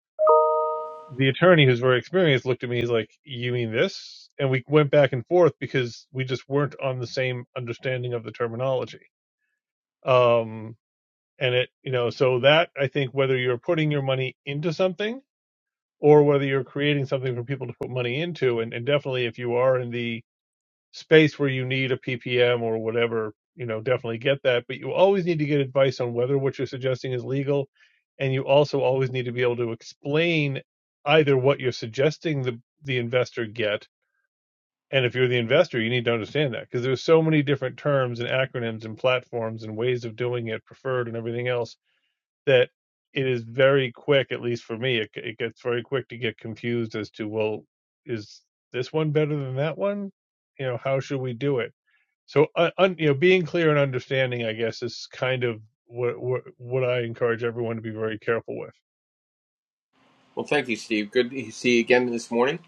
the attorney who's very experienced looked at me, he's like, You mean this? And we went back and forth because we just weren't on the same understanding of the terminology. Um, and it, you know, so that I think whether you're putting your money into something or whether you're creating something for people to put money into, and, and definitely if you are in the space where you need a ppm or whatever you know definitely get that but you always need to get advice on whether what you're suggesting is legal and you also always need to be able to explain either what you're suggesting the the investor get and if you're the investor you need to understand that because there's so many different terms and acronyms and platforms and ways of doing it preferred and everything else that it is very quick at least for me it, it gets very quick to get confused as to well is this one better than that one you know how should we do it so uh, un, you know being clear and understanding i guess is kind of what what, what i encourage everyone to be very careful with Well, thank you, Steve. Good to see you again this morning.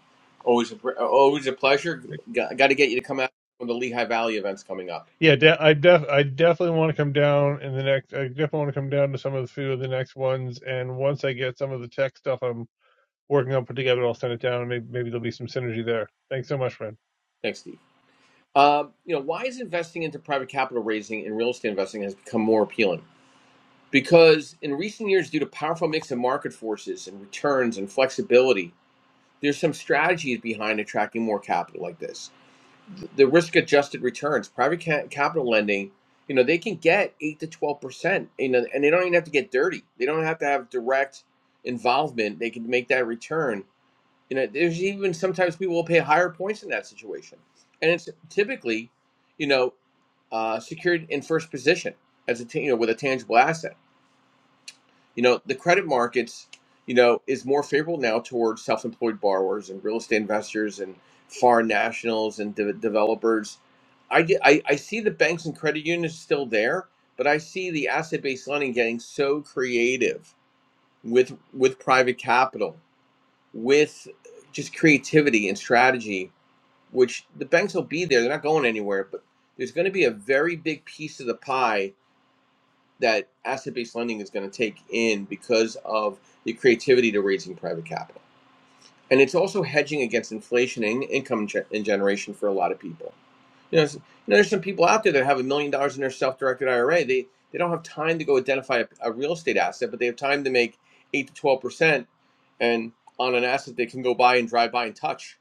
Always, a, always a pleasure. Got, got to get you to come out when the Lehigh Valley event's coming up. yeah de- i def i definitely want to come down in the next i definitely want to come down to some of the few of the next ones and once i get some of the tech stuff i'm working on put together i'll send it down maybe, maybe there'll be some synergy there thanks so much friend Thanks, Steve. Um, you know, why is investing into private capital raising and real estate investing has become more appealing? Because in recent years, due to powerful mix of market forces and returns and flexibility, there's some strategies behind attracting more capital like this. the risk adjusted returns private ca- capital lending you know they can get 8 to 12% you know and they don't even have to get dirty they don't have to have direct involvement they can make that return you know there's even sometimes people will pay higher points in that situation and it's typically you know uh, secured in first position as a ta- you know with a tangible asset you know, the credit markets, you know, is more favorable now towards self-employed borrowers and real estate investors and foreign nationals and de- developers. I, get- I I see the banks and credit unions still there, but I see the asset-based lending getting so creative with with private capital, with just creativity and strategy, which the banks will be there. They're not going anywhere, but there's going to be a very big piece of the pie that asset-based lending is going to take in because of the creativity to raising private capital. And it's also hedging against inflation and income and generation for a lot of people. You know, you know, there's some people out there that have a million dollars in their self-directed IRA. They they don't have time to go identify a, a real estate asset, but they have time to make eight to twelve percent, and on an asset they can go buy and drive by and touch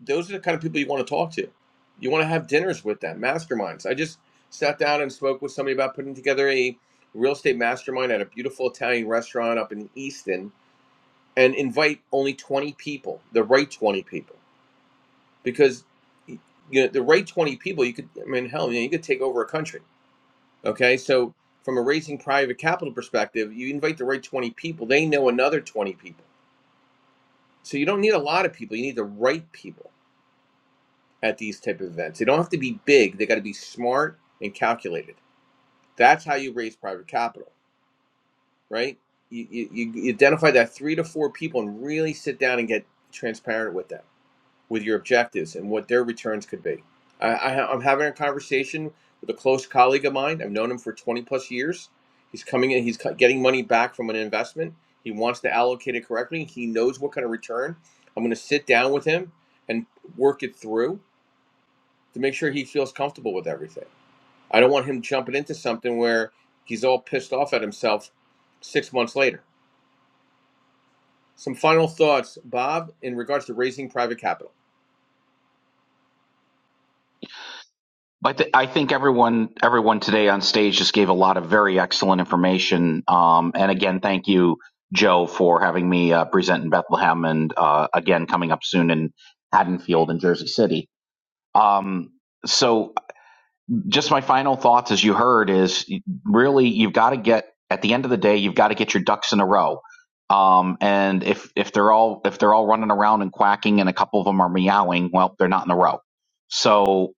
those are the kind of people you want to talk to. You want to have dinners with them, masterminds. I just sat down and spoke with somebody about putting together a real estate mastermind at a beautiful Italian restaurant up in Easton and invite only 20 people, the right 20 people. Because you know, the right 20 people, you could, I mean, hell, you, know, you could take over a country. Okay. So, from a raising private capital perspective, you invite the right 20 people, they know another 20 people. So, you don't need a lot of people, you need the right people at these type of events. They don't have to be big. They got to be smart and calculated. That's how you raise private capital, right? You, you, you identify that three to four people and really sit down and get transparent with them, with your objectives and what their returns could be. I, I, I'm having a conversation with a close colleague of mine. I've known him for 20 plus years. He's coming in. He's getting money back from an investment. He wants to allocate it correctly. He knows what kind of return. I'm going to sit down with him and work it through to make sure he feels comfortable with everything. I don't want him jumping into something where he's all pissed off at himself six months later. Some final thoughts, Bob, in regards to raising private capital. But th- I think everyone everyone today on stage just gave a lot of very excellent information. Um, and again, thank you, Joe, for having me uh, present in Bethlehem, and uh, again coming up soon in Haddonfield and Jersey City. Um, so just my final thoughts, as you heard, is really you've got to get at the end of the day, you've got to get your ducks in a row. Um, and if if they're all if they're all running around and quacking, and a couple of them are meowing, well, they're not in a row. So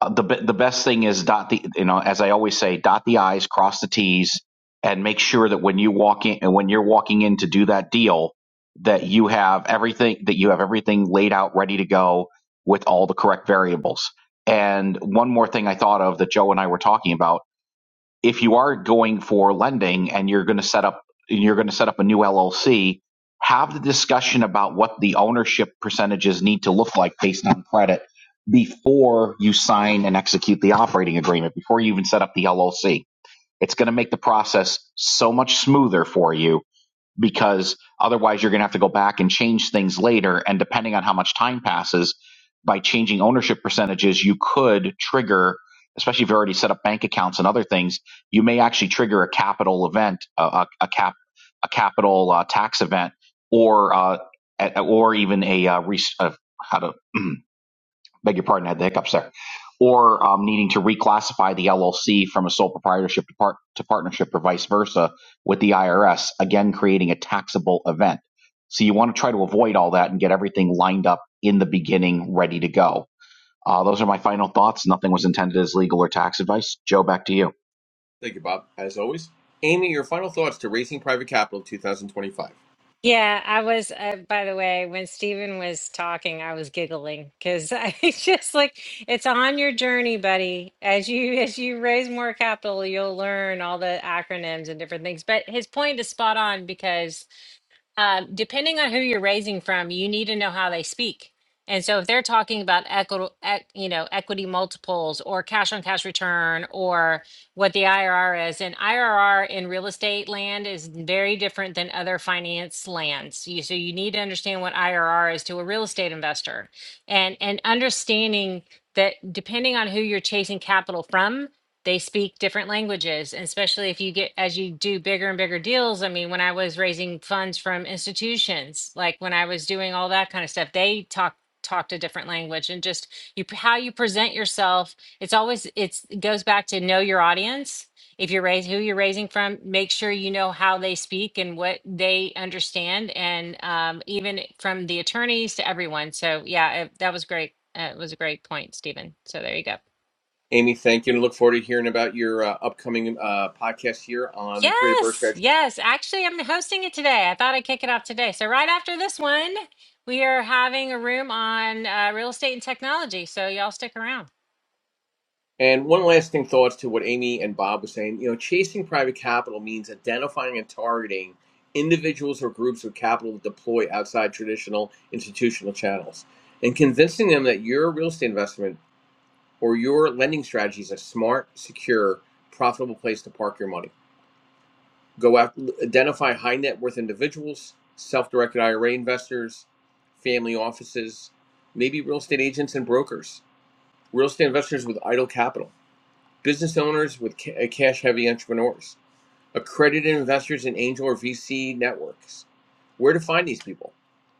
uh, the be- the best thing is dot the you know as I always say dot the i's cross the t's and make sure that when you walk in and when you're walking in to do that deal that you have everything that you have everything laid out ready to go with all the correct variables. And one more thing I thought of that Joe and I were talking about if you are going for lending and you're going to set up you're going to set up a new LLC, have the discussion about what the ownership percentages need to look like based on credit before you sign and execute the operating agreement, before you even set up the LLC. It's going to make the process so much smoother for you because otherwise you're going to have to go back and change things later. And depending on how much time passes, by changing ownership percentages, you could trigger, especially if you've already set up bank accounts and other things, you may actually trigger a capital event, a, a, a cap, a capital uh, tax event, or uh, a- or even a, uh, re- uh, how to beg your pardon, I had the hiccups there, or um, needing to reclassify the LLC from a sole proprietorship to, part- to partnership or vice versa with the IRS, again, creating a taxable event. So you want to try to avoid all that and get everything lined up in the beginning, ready to go. Uh, those are my final thoughts. Nothing was intended as legal or tax advice. Joe, back to you. Thank you, Bob, as always. Amy, your final thoughts to raising private capital 2025. Yeah, I was, uh, by the way, when Stephen was talking, I was giggling because I it's just like it's on your journey, buddy. As you as you raise more capital, you'll learn all the acronyms and different things. But his point is spot on because um, depending on who you're raising from, you need to know how they speak. And so if they're talking about equity, you know, equity multiples or cash on cash return or what the IRR is, and IRR in real estate land is very different than other finance lands. You, so you need to understand what IRR is to a real estate investor, and and understanding that depending on who you're chasing capital from, they speak different languages and especially if you get as you do bigger and bigger deals i mean when i was raising funds from institutions like when i was doing all that kind of stuff they talk talked a different language and just you how you present yourself it's always it's it goes back to know your audience if you're raising who you're raising from make sure you know how they speak and what they understand and um, even from the attorneys to everyone so yeah it, that was great uh, it was a great point stephen so there you go Amy, thank you, and I look forward to hearing about your uh, upcoming uh, podcast here on the Creative Birth Yes, Strategy yes. Actually, I'm hosting it today. I thought I'd kick it off today. So, right after this one, we are having a room on uh, real estate and technology. So, y'all stick around. And one lasting thoughts to what Amy and Bob were saying. You know, chasing private capital means identifying and targeting individuals or groups of capital to deploy outside traditional institutional channels and convincing them that your real estate investment or your lending strategy is a smart, secure, profitable place to park your money. Go out, identify high net worth individuals, self directed IRA investors, family offices, maybe real estate agents and brokers, real estate investors with idle capital business owners with ca- cash heavy entrepreneurs, accredited investors in angel or VC networks. Where to find these people?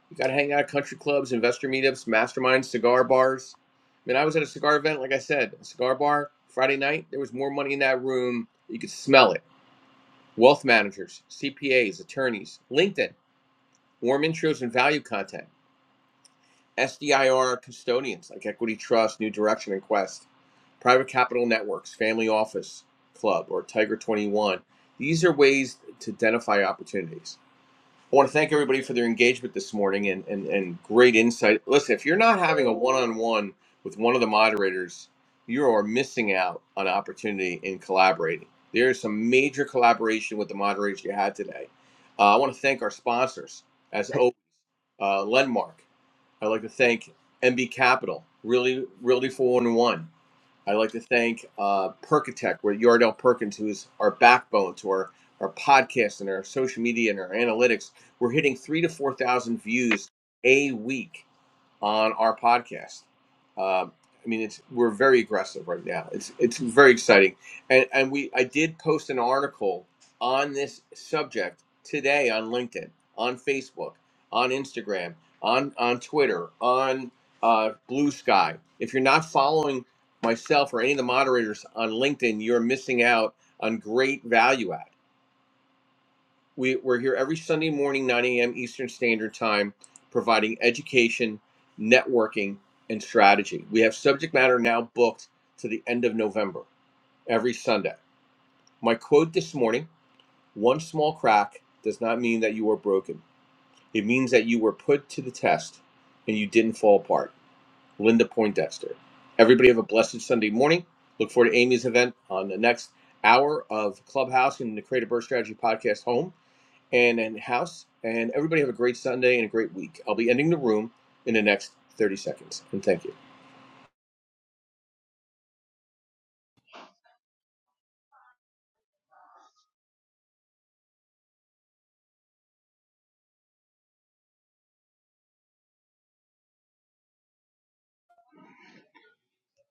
You got to hang out at country clubs, investor meetups, masterminds, cigar bars. I mean, I was at a cigar event, like I said, a cigar bar Friday night. There was more money in that room. You could smell it. Wealth managers, CPAs, attorneys, LinkedIn, warm intros and value content. SDIR custodians like Equity Trust, New Direction, and Quest, private capital networks, Family Office Club, or Tiger 21. These are ways to identify opportunities. I want to thank everybody for their engagement this morning and, and, and great insight. Listen, if you're not having a one on one with one of the moderators, you are missing out on opportunity in collaborating. There is some major collaboration with the moderators you had today. Uh, I want to thank our sponsors, as always, uh, Lenmark. I'd like to thank MB Capital, really, really 411. I'd like to thank uh, Perkatech, where Yardell Perkins, who is our backbone to our, our podcast and our social media and our analytics, we're hitting three to 4,000 views a week on our podcast. Um, I mean, it's we're very aggressive right now. It's it's very exciting, and and we I did post an article on this subject today on LinkedIn, on Facebook, on Instagram, on on Twitter, on uh, Blue Sky. If you're not following myself or any of the moderators on LinkedIn, you're missing out on great value add. We, we're here every Sunday morning, 9 a.m. Eastern Standard Time, providing education, networking, and strategy. We have subject matter now booked to the end of November every Sunday. My quote this morning one small crack does not mean that you are broken, it means that you were put to the test and you didn't fall apart. Linda Poindexter. Everybody have a blessed Sunday morning. Look forward to Amy's event on the next hour of Clubhouse and the Creative Birth Strategy Podcast home and and House. And everybody have a great Sunday and a great week. I'll be ending the room in the next 30 seconds. And thank you.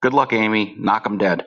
Good luck, Amy. Knock 'em dead.